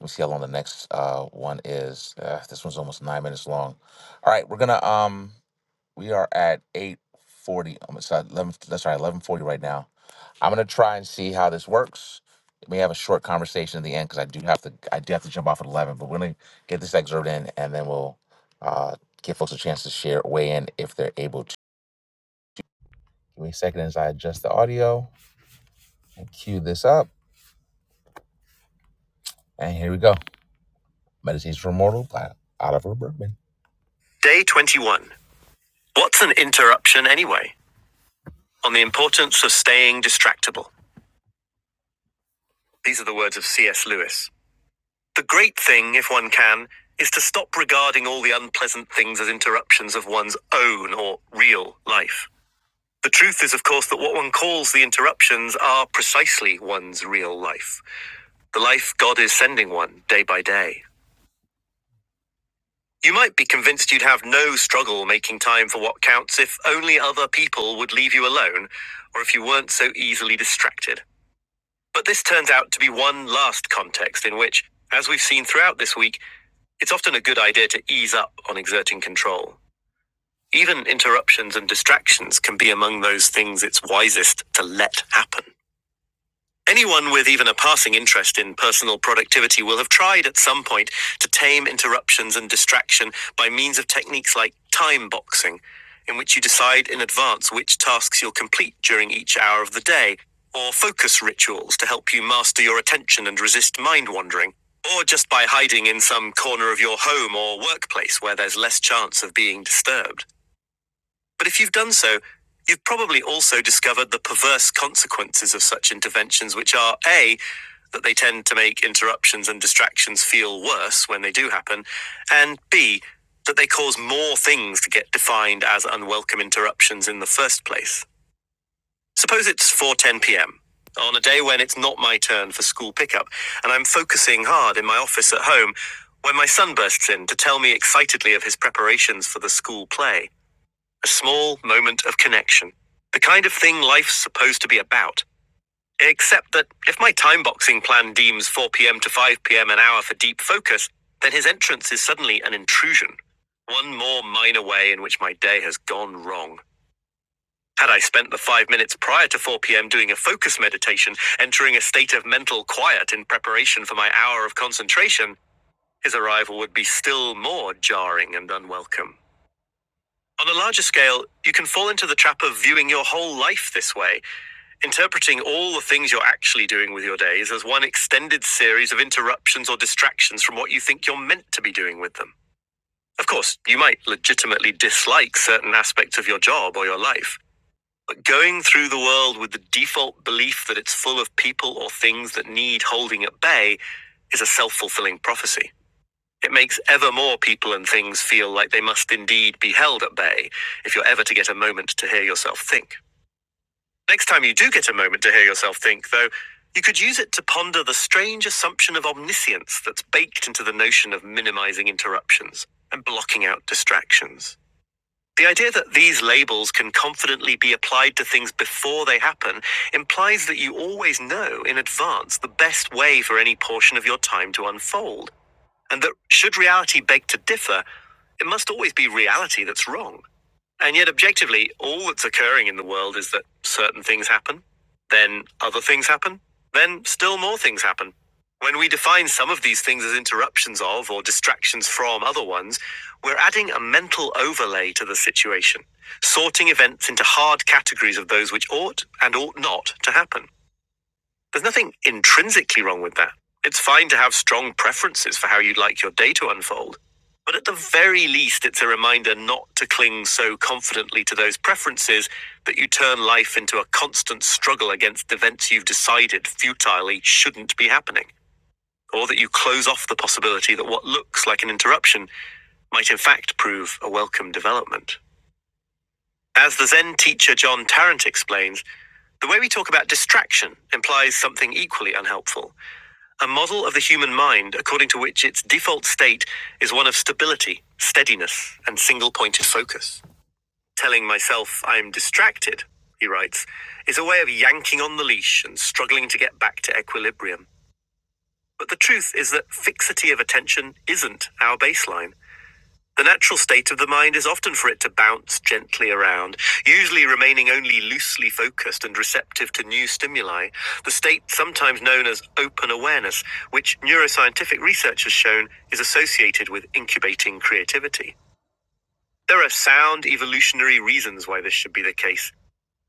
Speaker 1: me see how long the next uh, one is uh, this one's almost nine minutes long all right we're gonna um we are at eight forty. i'm sorry 11 that's right 11 forty right now I'm gonna try and see how this works. We have a short conversation at the end because I do have to I do have to jump off at eleven, but we're gonna get this excerpt in and then we'll uh, give folks a chance to share weigh in if they're able to. Give me a second as I adjust the audio and cue this up. And here we go. Meditations for Mortal by Oliver Berkman. Day 21. What's an interruption anyway? On the importance of staying distractible. These are the words of C.S. Lewis. The great thing, if one can, is to stop regarding all the unpleasant things as interruptions of one's own or real life. The truth is, of course, that what one calls the interruptions are precisely one's real life, the life God is sending one day by day. You might be convinced you'd have no struggle making time for what counts if only other people would leave you alone or if you weren't so easily distracted. But this turns out to be one last context in which, as we've seen throughout this week, It's often a good idea to ease up on exerting control. Even interruptions and distractions can be among those things it's wisest to let happen. Anyone with even a passing interest in personal productivity will have tried at some point to tame interruptions and distraction by means of techniques like time boxing, in which you decide in advance which tasks you'll complete during each hour of the day, or focus rituals to help you master your attention and resist mind wandering, or just by hiding in some corner of your home or workplace where there's less chance of being disturbed. But if you've done so, you've probably also discovered the perverse consequences of such interventions, which are A, that they tend to make interruptions and distractions feel worse when they do happen, and B, that they cause more things to get defined as unwelcome interruptions in the first place. Suppose it's 4:10 p.m. on a day when it's not my turn for school pickup, and I'm focusing hard in my office at home when my son bursts in to tell me excitedly of his preparations for the school play. A small moment of connection. The kind of thing life's supposed to be about. Except that if my time boxing plan deems 4 pm to 5 pm an hour for deep focus, then his entrance is suddenly an intrusion. One more minor way in which my day has gone wrong. Had I spent the five minutes prior to 4 pm doing a focus meditation, entering a state of mental quiet in preparation for my hour of concentration, his arrival would be still more jarring and unwelcome. On a larger scale, you can fall into the trap of viewing your whole life this way, interpreting all the things you're actually doing with your days as one extended series of interruptions or distractions from what you think you're meant to be doing with them. Of course, you might legitimately dislike certain aspects of your job or your life, but going through the world with the default belief that it's full of people or things that need holding at bay is a self fulfilling prophecy. It makes ever more people and things feel like they must indeed be held at bay if you're ever to get a moment to hear yourself think. Next time you do get a moment to hear yourself think, though, you could use it to ponder the strange assumption of omniscience that's baked into the notion of minimizing interruptions and blocking out distractions. The idea that these labels can confidently be applied to things before they happen implies that you always know in advance the best way for any portion of your time to unfold, and that should reality beg to differ, it must always be reality that's wrong. And yet, objectively, all that's occurring in the world is that certain things happen, then other things happen, then still more things happen. When we define some of these things as interruptions of or distractions from other ones, we're adding a mental overlay to the situation, sorting events into hard categories of those which ought and ought not to happen. There's nothing intrinsically wrong with that. It's fine to have strong preferences for how you'd like your day to unfold. But at the very least, it's a reminder not to cling so confidently to those preferences that you turn life into a constant struggle against events you've decided futilely shouldn't be happening, or that you close off the possibility that what looks like an interruption might in fact prove a welcome development. As the Zen teacher John Tarrant explains, the way we talk about distraction implies something equally unhelpful. A model of the human mind according to which its default state is one of stability, steadiness, and single pointed focus. Telling myself I'm distracted, he writes, is a way of yanking on the leash and struggling to get back to equilibrium. But the truth is that fixity of attention isn't our baseline. The natural state of the mind is often for it to bounce gently around, usually remaining only loosely focused and receptive to new stimuli, the state sometimes known as open awareness, which neuroscientific research has shown is associated with incubating creativity. There are sound evolutionary reasons why this should be the case.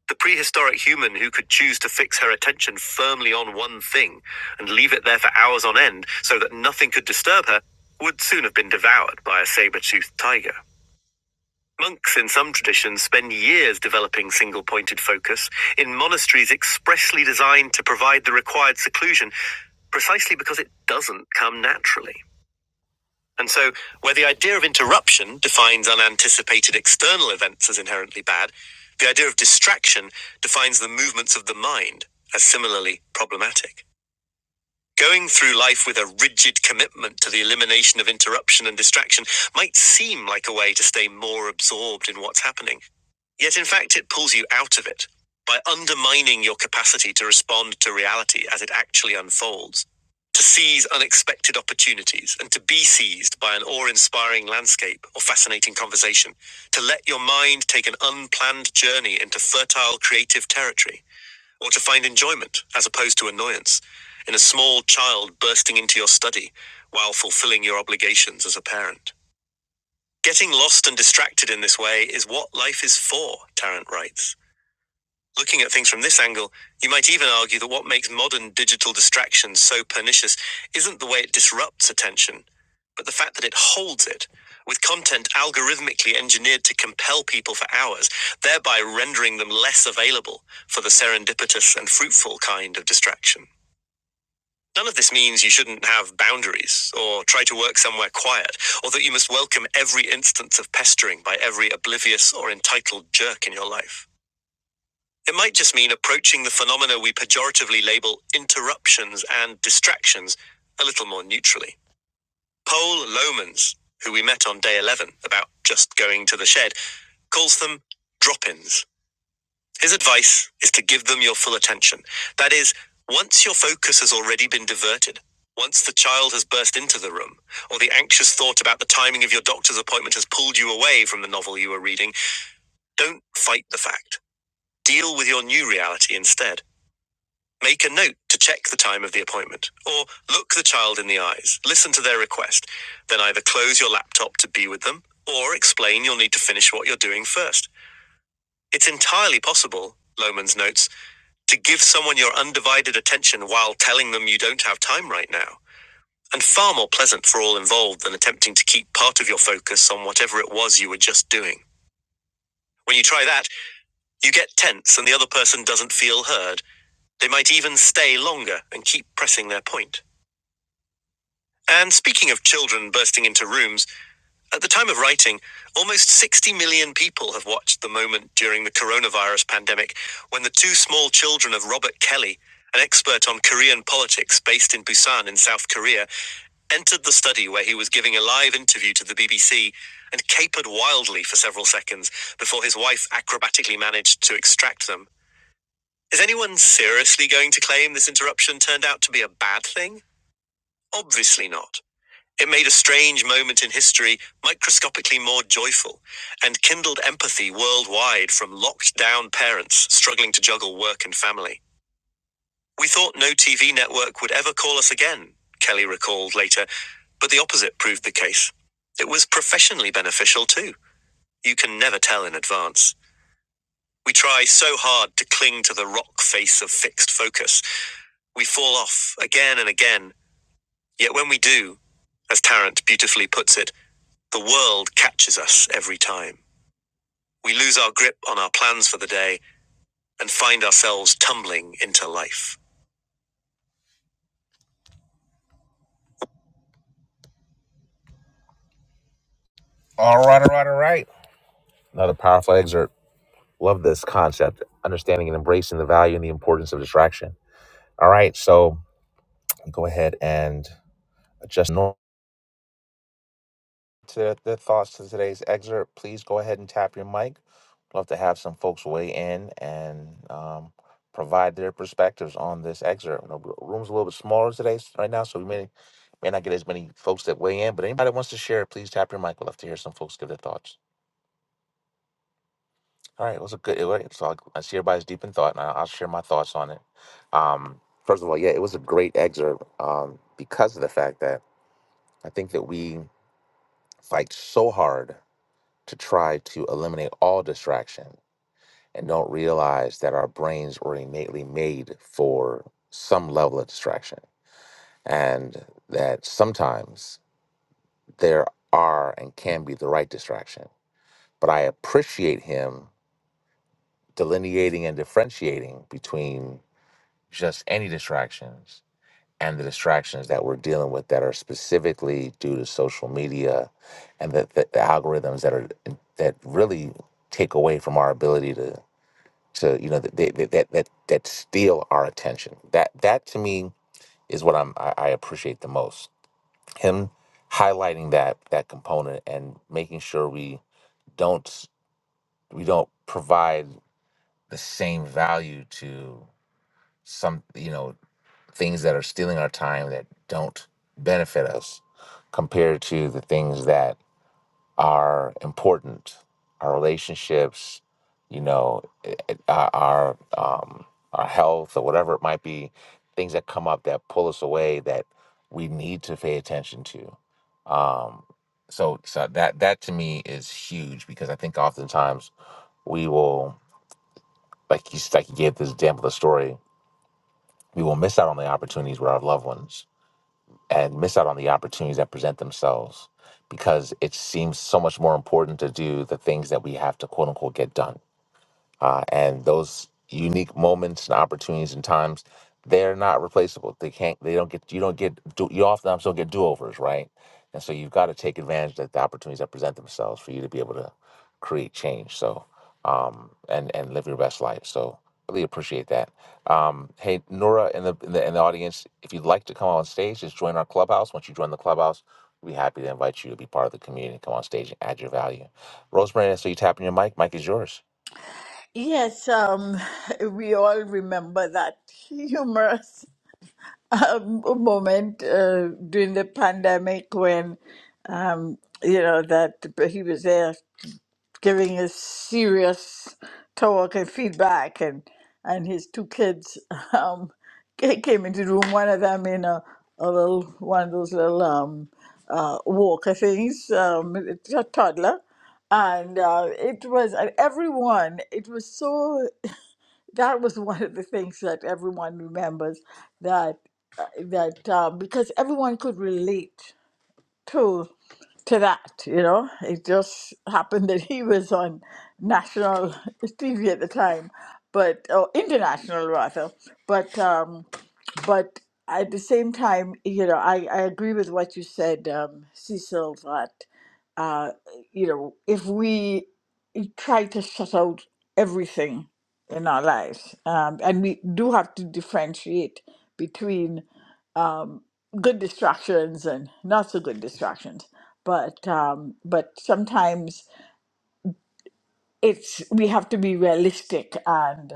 Speaker 1: The prehistoric human who could choose to fix her attention firmly on one thing and leave it there for hours on end so that nothing could disturb her would soon have been devoured by a saber toothed tiger. Monks in some traditions spend years developing single pointed focus in monasteries expressly designed to provide the required seclusion, precisely because it doesn't come naturally. And so, where the idea of interruption defines unanticipated external events as inherently bad, the idea of distraction defines the movements of the mind as similarly problematic. Going through life with a rigid commitment to the elimination of interruption and distraction might seem like a way to stay more absorbed in what's happening. Yet, in fact, it pulls you out of it by undermining your capacity to respond to reality as it actually unfolds, to seize unexpected opportunities, and to be seized by an awe inspiring landscape or fascinating conversation, to let your mind take an unplanned journey into fertile creative territory, or to find enjoyment, as opposed to annoyance, in a small child bursting into your study while fulfilling your obligations as a parent. Getting lost and distracted in this way is what life is for, Tarrant writes. Looking at things from this angle, you might even argue that what makes modern digital distractions so pernicious isn't the way it disrupts attention, but the fact that it holds it, with content algorithmically engineered to compel people for hours, thereby rendering them less available for the serendipitous and fruitful kind of distraction. None of this means you shouldn't have boundaries, or try to work somewhere quiet, or that you must welcome every instance of pestering by every oblivious or entitled jerk in your life. It might just mean approaching the phenomena we pejoratively label interruptions and distractions a little more neutrally. Paul Lomans, who we met on day 11 about just going to the shed, calls them drop ins. His advice is to give them your full attention. That is, once your focus has already been diverted, once the child has burst into the room, or the anxious thought about the timing of your doctor's appointment has pulled you away from the novel you were reading, don't fight the fact. Deal with your new reality instead. Make a note to check the time of the appointment, or look the child in the eyes, listen to their request, then either close your laptop to be with them, or explain you'll need to finish what you're doing first. It's entirely possible, Lohman's notes, to give someone your undivided attention while telling them you don't have time right now, and far more pleasant for all involved than attempting to keep part of your focus on whatever it was you were just doing. When you try that, you get tense and the other person doesn't feel heard. They might even stay longer and keep pressing their point. And speaking of children bursting into rooms, at the time of writing, almost 60 million people have watched the moment during the coronavirus pandemic when the two small children of Robert Kelly, an expert on Korean politics based in Busan in South Korea, entered the study where he was giving a live interview to the BBC and capered wildly for several seconds before his wife acrobatically managed to extract them. Is anyone seriously going to claim this interruption turned out to be a bad thing? Obviously not. It made a strange moment in history microscopically more joyful and kindled empathy worldwide from locked down parents struggling to juggle work and family. We thought no TV network would ever call us again, Kelly recalled later, but the opposite proved the case. It was professionally beneficial too. You can never tell in advance. We try so hard to cling to the rock face of fixed focus. We fall off again and again, yet when we do, as Tarrant beautifully puts it, The world catches us every time. We lose our grip on our plans for the day and find ourselves tumbling into life. All right, all right, all right. Another powerful excerpt. Love this concept, understanding and embracing the value and the importance of distraction. All right, so go ahead and adjust. normal. to their, thoughts to today's excerpt, please go ahead and tap your mic. Love to have some folks weigh in and um, provide their perspectives on this excerpt. You know, The room's a little bit smaller today, s- right now, so we may may not get as many folks that weigh in. But anybody that wants to share, please tap your mic. We'd love to hear some folks give their thoughts. All right, it was a good. It was, so I, I see everybody's deep in thought, and I, I'll share my thoughts on it. Um, first of all, yeah, it was a great excerpt um, because of the fact that I think that we fight so hard to try to eliminate all distraction and don't realize that our brains were innately made for some level of distraction and that sometimes there are and can be the right distraction. But I appreciate him delineating and differentiating between just any distractions and the distractions that we're dealing with that are specifically due to social media and the, the, the algorithms that are that really take away from our ability to So you know that they, that that that that steal our attention. That that to me is what I'm I, I appreciate the most. Him highlighting that that component and making sure we don't we don't provide the same value to some you know things that are stealing our time that don't benefit us compared to the things that are important. Our relationships, you know, i- i- our our, um, our health or whatever it might be, things that come up that pull us away that we need to pay attention to. Um, so, so that that to me is huge because I think oftentimes we will, like you like you gave this example, of the story, we will miss out on the opportunities with our loved ones and miss out on the opportunities that present themselves because it seems so much more important to do the things that we have to quote unquote get done uh, and those unique moments and opportunities and times they're not replaceable they can't they don't get you don't get do, you oftentimes don't get do-overs right and so you've got to take advantage of the opportunities that present themselves for you to be able to create change so um and and live your best life so really appreciate that um hey nora in the in the, in the audience if you'd like to come on stage just join our clubhouse once you join the clubhouse we'd be happy to invite you to be part of the community come on stage and add your value rosemary so you tapping your mic mic is yours
Speaker 5: Yes, um, we all remember that humorous um, a moment uh, during the pandemic when um, you know that he was there giving a serious talk and feedback, and and his two kids um, ca- came into the room. One of them in a, a little one of those little um, uh, walker things, um, it's a toddler, and uh, it was and everyone. It was so that was one of the things that everyone remembers that uh, that uh, because everyone could relate to to that you know it just happened that he was on national tv at the time but or international rather but um, but at the same time, you know, I, I agree with what you said, um, Cecil, that, uh, you know, if we try to shut out everything in our lives, um, and we do have to differentiate between um, good distractions and not so good distractions, but um, but sometimes it's we have to be realistic and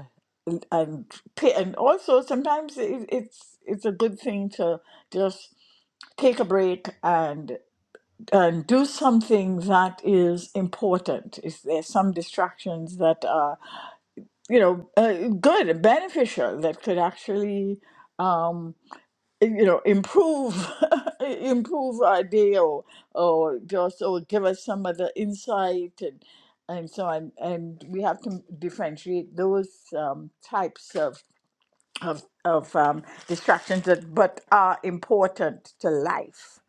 Speaker 5: and pa- and also sometimes it, it's it's a good thing to just take a break and and do something that is important. Is there some distractions that are you know uh, good and beneficial that could actually um, you know improve improve our day or, or just or give us some other insight and and so on and we have to differentiate those um, types of of, of um, distractions that but are important to life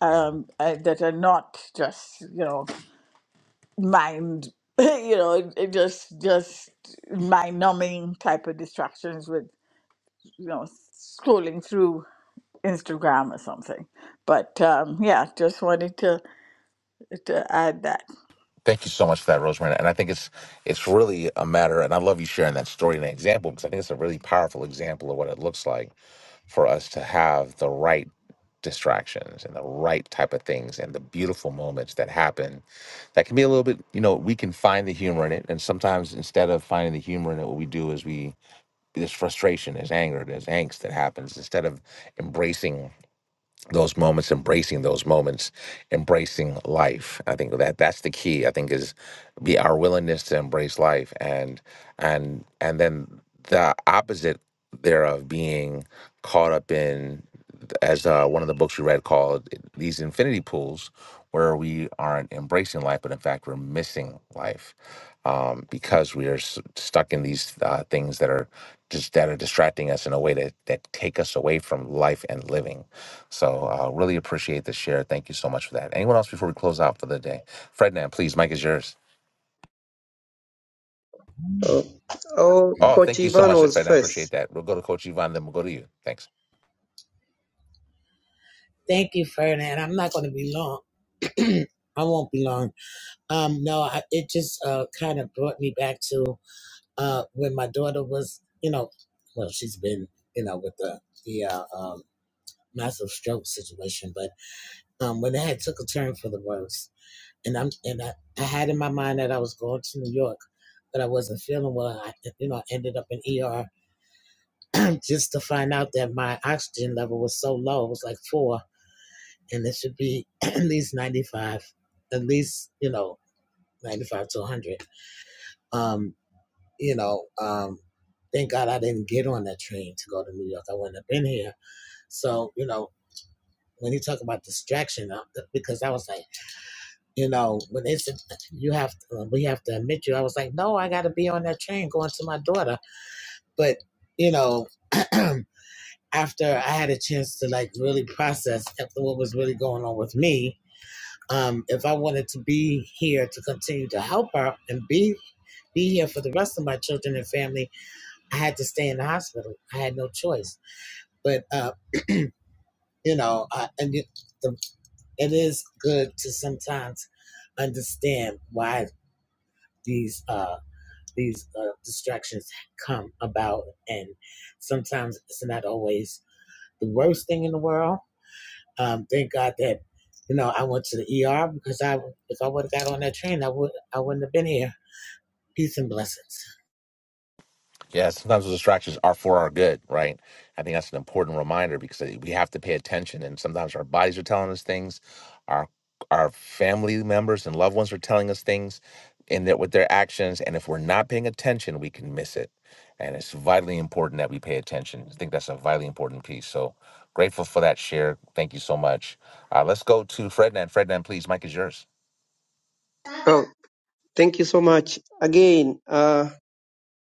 Speaker 5: um, uh, that are not just you know mind you know it- it just just mind numbing type of distractions with you know scrolling through Instagram or something. But um, yeah, just wanted to, to add that.
Speaker 1: Thank you so much for that, Rosemary. And I think it's it's really a matter, and I love you sharing that story and that example because I think it's a really powerful example of what it looks like for us to have the right distractions and the right type of things and the beautiful moments that happen that can be a little bit you know we can find the humor in it and sometimes instead of finding the humor in it what we do is we there's frustration there's anger there's angst that happens instead of embracing those moments embracing those moments embracing life i think that that's the key i think is be our willingness to embrace life and and and then the opposite thereof being caught up in as uh, one of the books we read called eh, these infinity pools where we aren't embracing life but in fact we're missing life um, because we are s- stuck in these uh, things that are just that are distracting us in a way that that take us away from life and living so uh, really appreciate the share. Thank you so much for that. Anyone else before we close out for the day? Frednan, please, Mike is yours.
Speaker 9: Oh, oh
Speaker 1: Oh,
Speaker 9: Coach
Speaker 1: thank you so
Speaker 9: Ivan
Speaker 1: much,
Speaker 9: was
Speaker 1: Frednan. Appreciate
Speaker 9: first.
Speaker 1: that. We'll go to Coach Yvonne, then we'll go to you. Thanks.
Speaker 8: Thank you, Ferdinand. I'm not going to be long. I won't be long. Um, no, I, it just uh, kind of brought me back to uh, when my daughter was, you know, well, she's been, you know, with the the uh, um, massive stroke situation, but um, when it had took a turn for the worse, and I'm and I, I had in my mind that I was going to New York, but I wasn't feeling well. I, you know, I ended up in ER just to find out that my oxygen level was so low. It was like four, and it should be at least 95, at least, you know, 95 to 100. Um, you know, um, thank God I didn't get on that train to go to New York. I wouldn't have been here. So, you know, when you talk about distraction, uh, because I was like, you know, when they said you have, to, uh, we have to admit you, I was like, no, I got to be on that train going to my daughter. But, you know, after I had a chance to like really process after what was really going on with me, um, if I wanted to be here to continue to help her and be be here for the rest of my children and family, I had to stay in the hospital. I had no choice. But uh, you know, I, and it, the, it is good to sometimes understand why these uh, these uh, distractions come about, and sometimes it's not always the worst thing in the world Um, thank God that you know I went to the ER because I if I would have got on that train, I would I wouldn't have been here. Peace and blessings.
Speaker 1: Yeah, sometimes those distractions are for our good, right? I think that's an important reminder because we have to pay attention. And sometimes our bodies are telling us things, our our family members and loved ones are telling us things, and that with their actions. And if we're not paying attention, we can miss it. And it's vitally important that we pay attention. I think that's a vitally important piece. So grateful for that share. Thank you so much. Uh, let's go to Frednan. Frednan, please. Mike is yours.
Speaker 9: Oh, Thank you so much. Again, uh,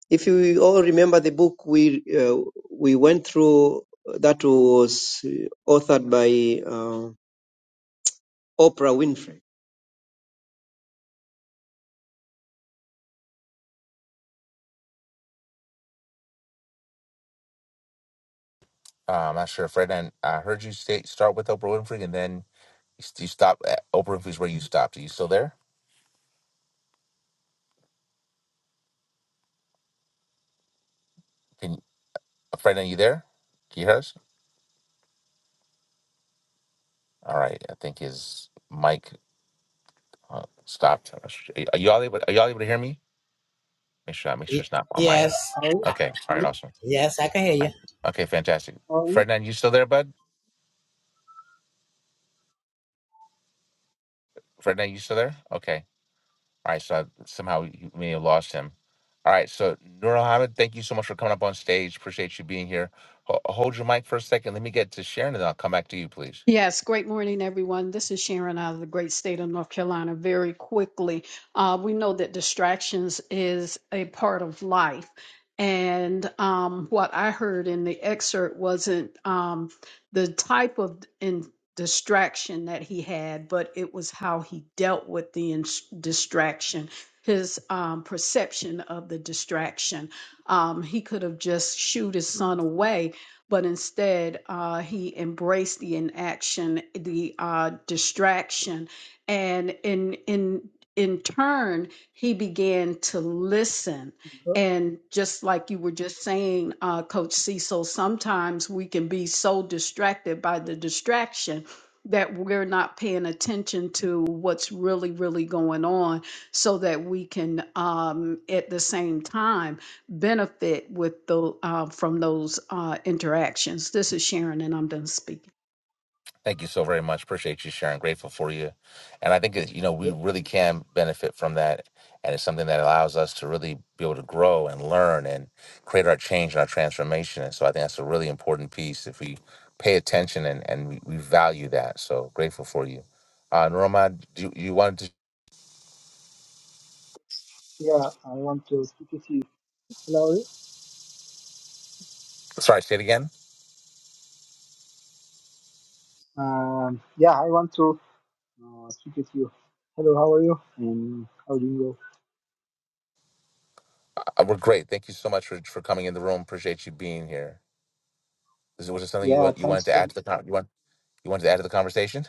Speaker 9: if you all remember the book we uh, we went through, that was authored by uh, Oprah Winfrey.
Speaker 1: Uh, I'm not sure, Frednan. I heard you say start with Oprah Winfrey, and then You, st- you stopped at Oprah Winfrey's where you stopped. Are you still there? Can a friend? Are you there? Can you hear us? All right. I think his mic uh, stopped. Are you all able? Are you all able to hear me? Make sure. Make sure
Speaker 8: Y-
Speaker 1: it's not on my end.
Speaker 8: yes,
Speaker 11: Hello,
Speaker 8: I,
Speaker 1: Okay. All right. Awesome.
Speaker 8: yes, I can hear
Speaker 1: I-
Speaker 8: you.
Speaker 1: Okay. Fantastic.
Speaker 11: Hello?
Speaker 1: Ferdinand, you still there, bud? Ferdinand, you still there? Okay. All right. So I- somehow you may have lost him. All right. So Nur Hamid, thank you so much for coming up on stage. Appreciate you being here. Ho- hold your mic for a second. Let me get to Sharon, and I'll come back to you, please.
Speaker 6: Yes, great morning, everyone. This is Sharon out of the great state of North Carolina. Very quickly, uh, we know that distractions is a part of life. And um, what I heard in the excerpt wasn't um, the type of in distraction that he had, but it was how he dealt with the ins- distraction, his um, perception of the distraction. Um, he could have just shooed his son away, but instead uh, he embraced the inaction, the uh, distraction, and in in in turn he began to listen.
Speaker 11: Uh,
Speaker 6: And just like you were just saying, uh, Coach Cecil, sometimes we can be so distracted by the distraction that we're not paying attention to what's really, really going on, so that we can, um, at the same time benefit with the uh, from those uh, interactions. This is Sharon, and I'm done speaking.
Speaker 1: Thank you so very much. Appreciate you sharing. Grateful for you. And I think, that, you know, we
Speaker 11: yeah,
Speaker 1: really can benefit from that. And it's something that allows us to really be able to grow and learn and create our change and our transformation. And so I think that's a really important piece if we pay attention and, and we, we value that. So grateful for you. Uh, Norma, do you, you wanted to,
Speaker 11: yeah, I want to speak with you. Hello. Ollie.
Speaker 1: sorry, say it again?
Speaker 11: Um, yeah, I want to uh, speak with you. Hello, how are you? And how do you go?
Speaker 1: Uh, we're great. Thank you so much for, for coming in the room. Appreciate you being here. Is, was there something you,
Speaker 11: Yeah,
Speaker 1: want, you wanted
Speaker 11: thanks.
Speaker 1: to
Speaker 11: So,
Speaker 1: add to the, con- you, want, you wanted to add to the conversation?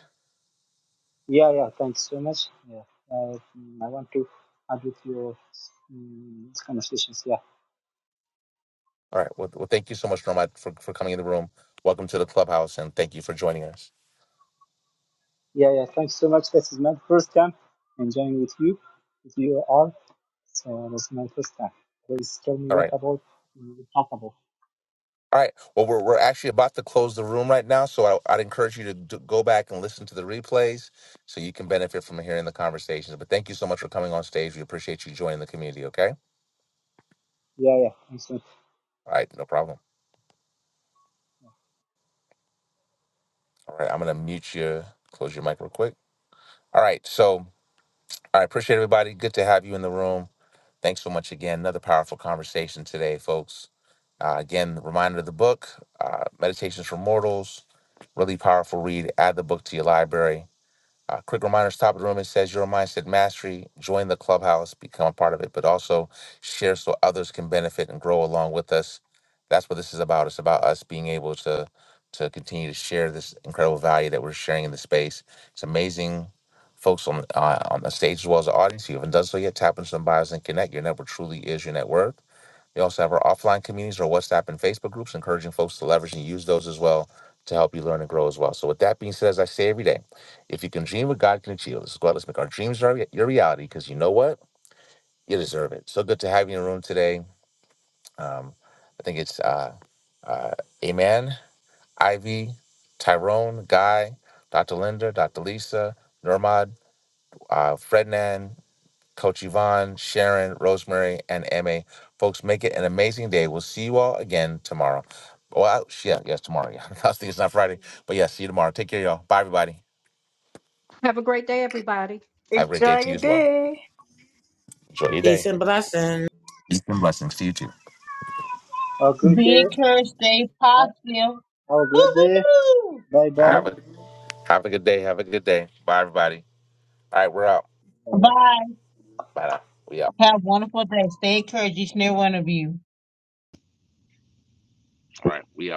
Speaker 11: yeah, yeah, thanks so much. Yeah, uh, mm, I want to add with your um, conversations. Yeah,
Speaker 1: All right. Well, well thank you so much, Norma, for, for coming in the room. Welcome to the clubhouse, and thank you for joining us.
Speaker 11: yeah, yeah. Thanks so much. This is my first time enjoying with you, with you all. So this is my first time. Please tell me
Speaker 1: All
Speaker 11: what
Speaker 1: right.
Speaker 11: about mm, talk about.
Speaker 1: All right. Well, we're, we're actually about to close the room right now, so I, I'd encourage you to d- go back and listen to the replays so you can benefit from hearing the conversations. But thank you so much for coming on stage. We appreciate you joining the community, okay?
Speaker 11: Yeah, yeah. Thanks so much.
Speaker 1: All right. No problem. All right. I'm going to mute you, close your mic real quick. All right. So I appreciate everybody. Good to have you in the room. Thanks so much again. Another powerful conversation today, folks. Uh, again, reminder of the book, uh, Meditations for Mortals. Really powerful read. Add the book to your library. Uh, quick reminders, top of the room, it says your mindset mastery. Join the clubhouse, become a part of it, but also share so others can benefit and grow along with us. That's what this is about. It's about us being able to to continue to share this incredible value that we're sharing in the space. It's amazing folks on uh, on the stage as well as the audience. If you haven't done so yet, tap into some bios and connect. Your network truly is your net worth. We also have our offline communities, our WhatsApp and Facebook groups, encouraging folks to leverage and use those as well to help you learn and grow as well. So, with that being said, as I say every day, if you can dream what God can achieve, let's go out, let's make our dreams our, your reality because you know what? You deserve it. So good to have you in the room today. Um, I think it's uh, uh, Amen, Ivy, Tyrone, Guy, Dr. Linda, Dr. Lisa, Nurmad, uh, Frednan. Coach Yvonne, Sharon, Rosemary, and MA. Folks, make it an amazing day. We'll see you all again tomorrow. Oh, I, yeah, yes, tomorrow. Yeah. I was thinking it's not Friday, but yeah, see you tomorrow. Take care, y'all. Bye, everybody.
Speaker 6: Have a great day, everybody.
Speaker 1: Have a great day
Speaker 5: Enjoy
Speaker 1: to you
Speaker 5: your
Speaker 1: as well.
Speaker 5: day.
Speaker 1: Enjoy your day.
Speaker 8: Peace and blessings.
Speaker 1: Peace and blessings to you too.
Speaker 11: Have a
Speaker 4: hoo!
Speaker 11: great
Speaker 4: Be
Speaker 11: day.
Speaker 4: encouraged, stay positive.
Speaker 11: Have a great
Speaker 4: Hoo
Speaker 11: day.
Speaker 4: hoo!
Speaker 11: Bye bye.
Speaker 1: Have a have a good day. Have a good day. Bye, everybody. All right, we're out.
Speaker 11: Have a
Speaker 4: Bye.
Speaker 1: Bye now. We out.
Speaker 4: Have a wonderful day. Stay encouraged, each and every one of you.
Speaker 1: All right, we out.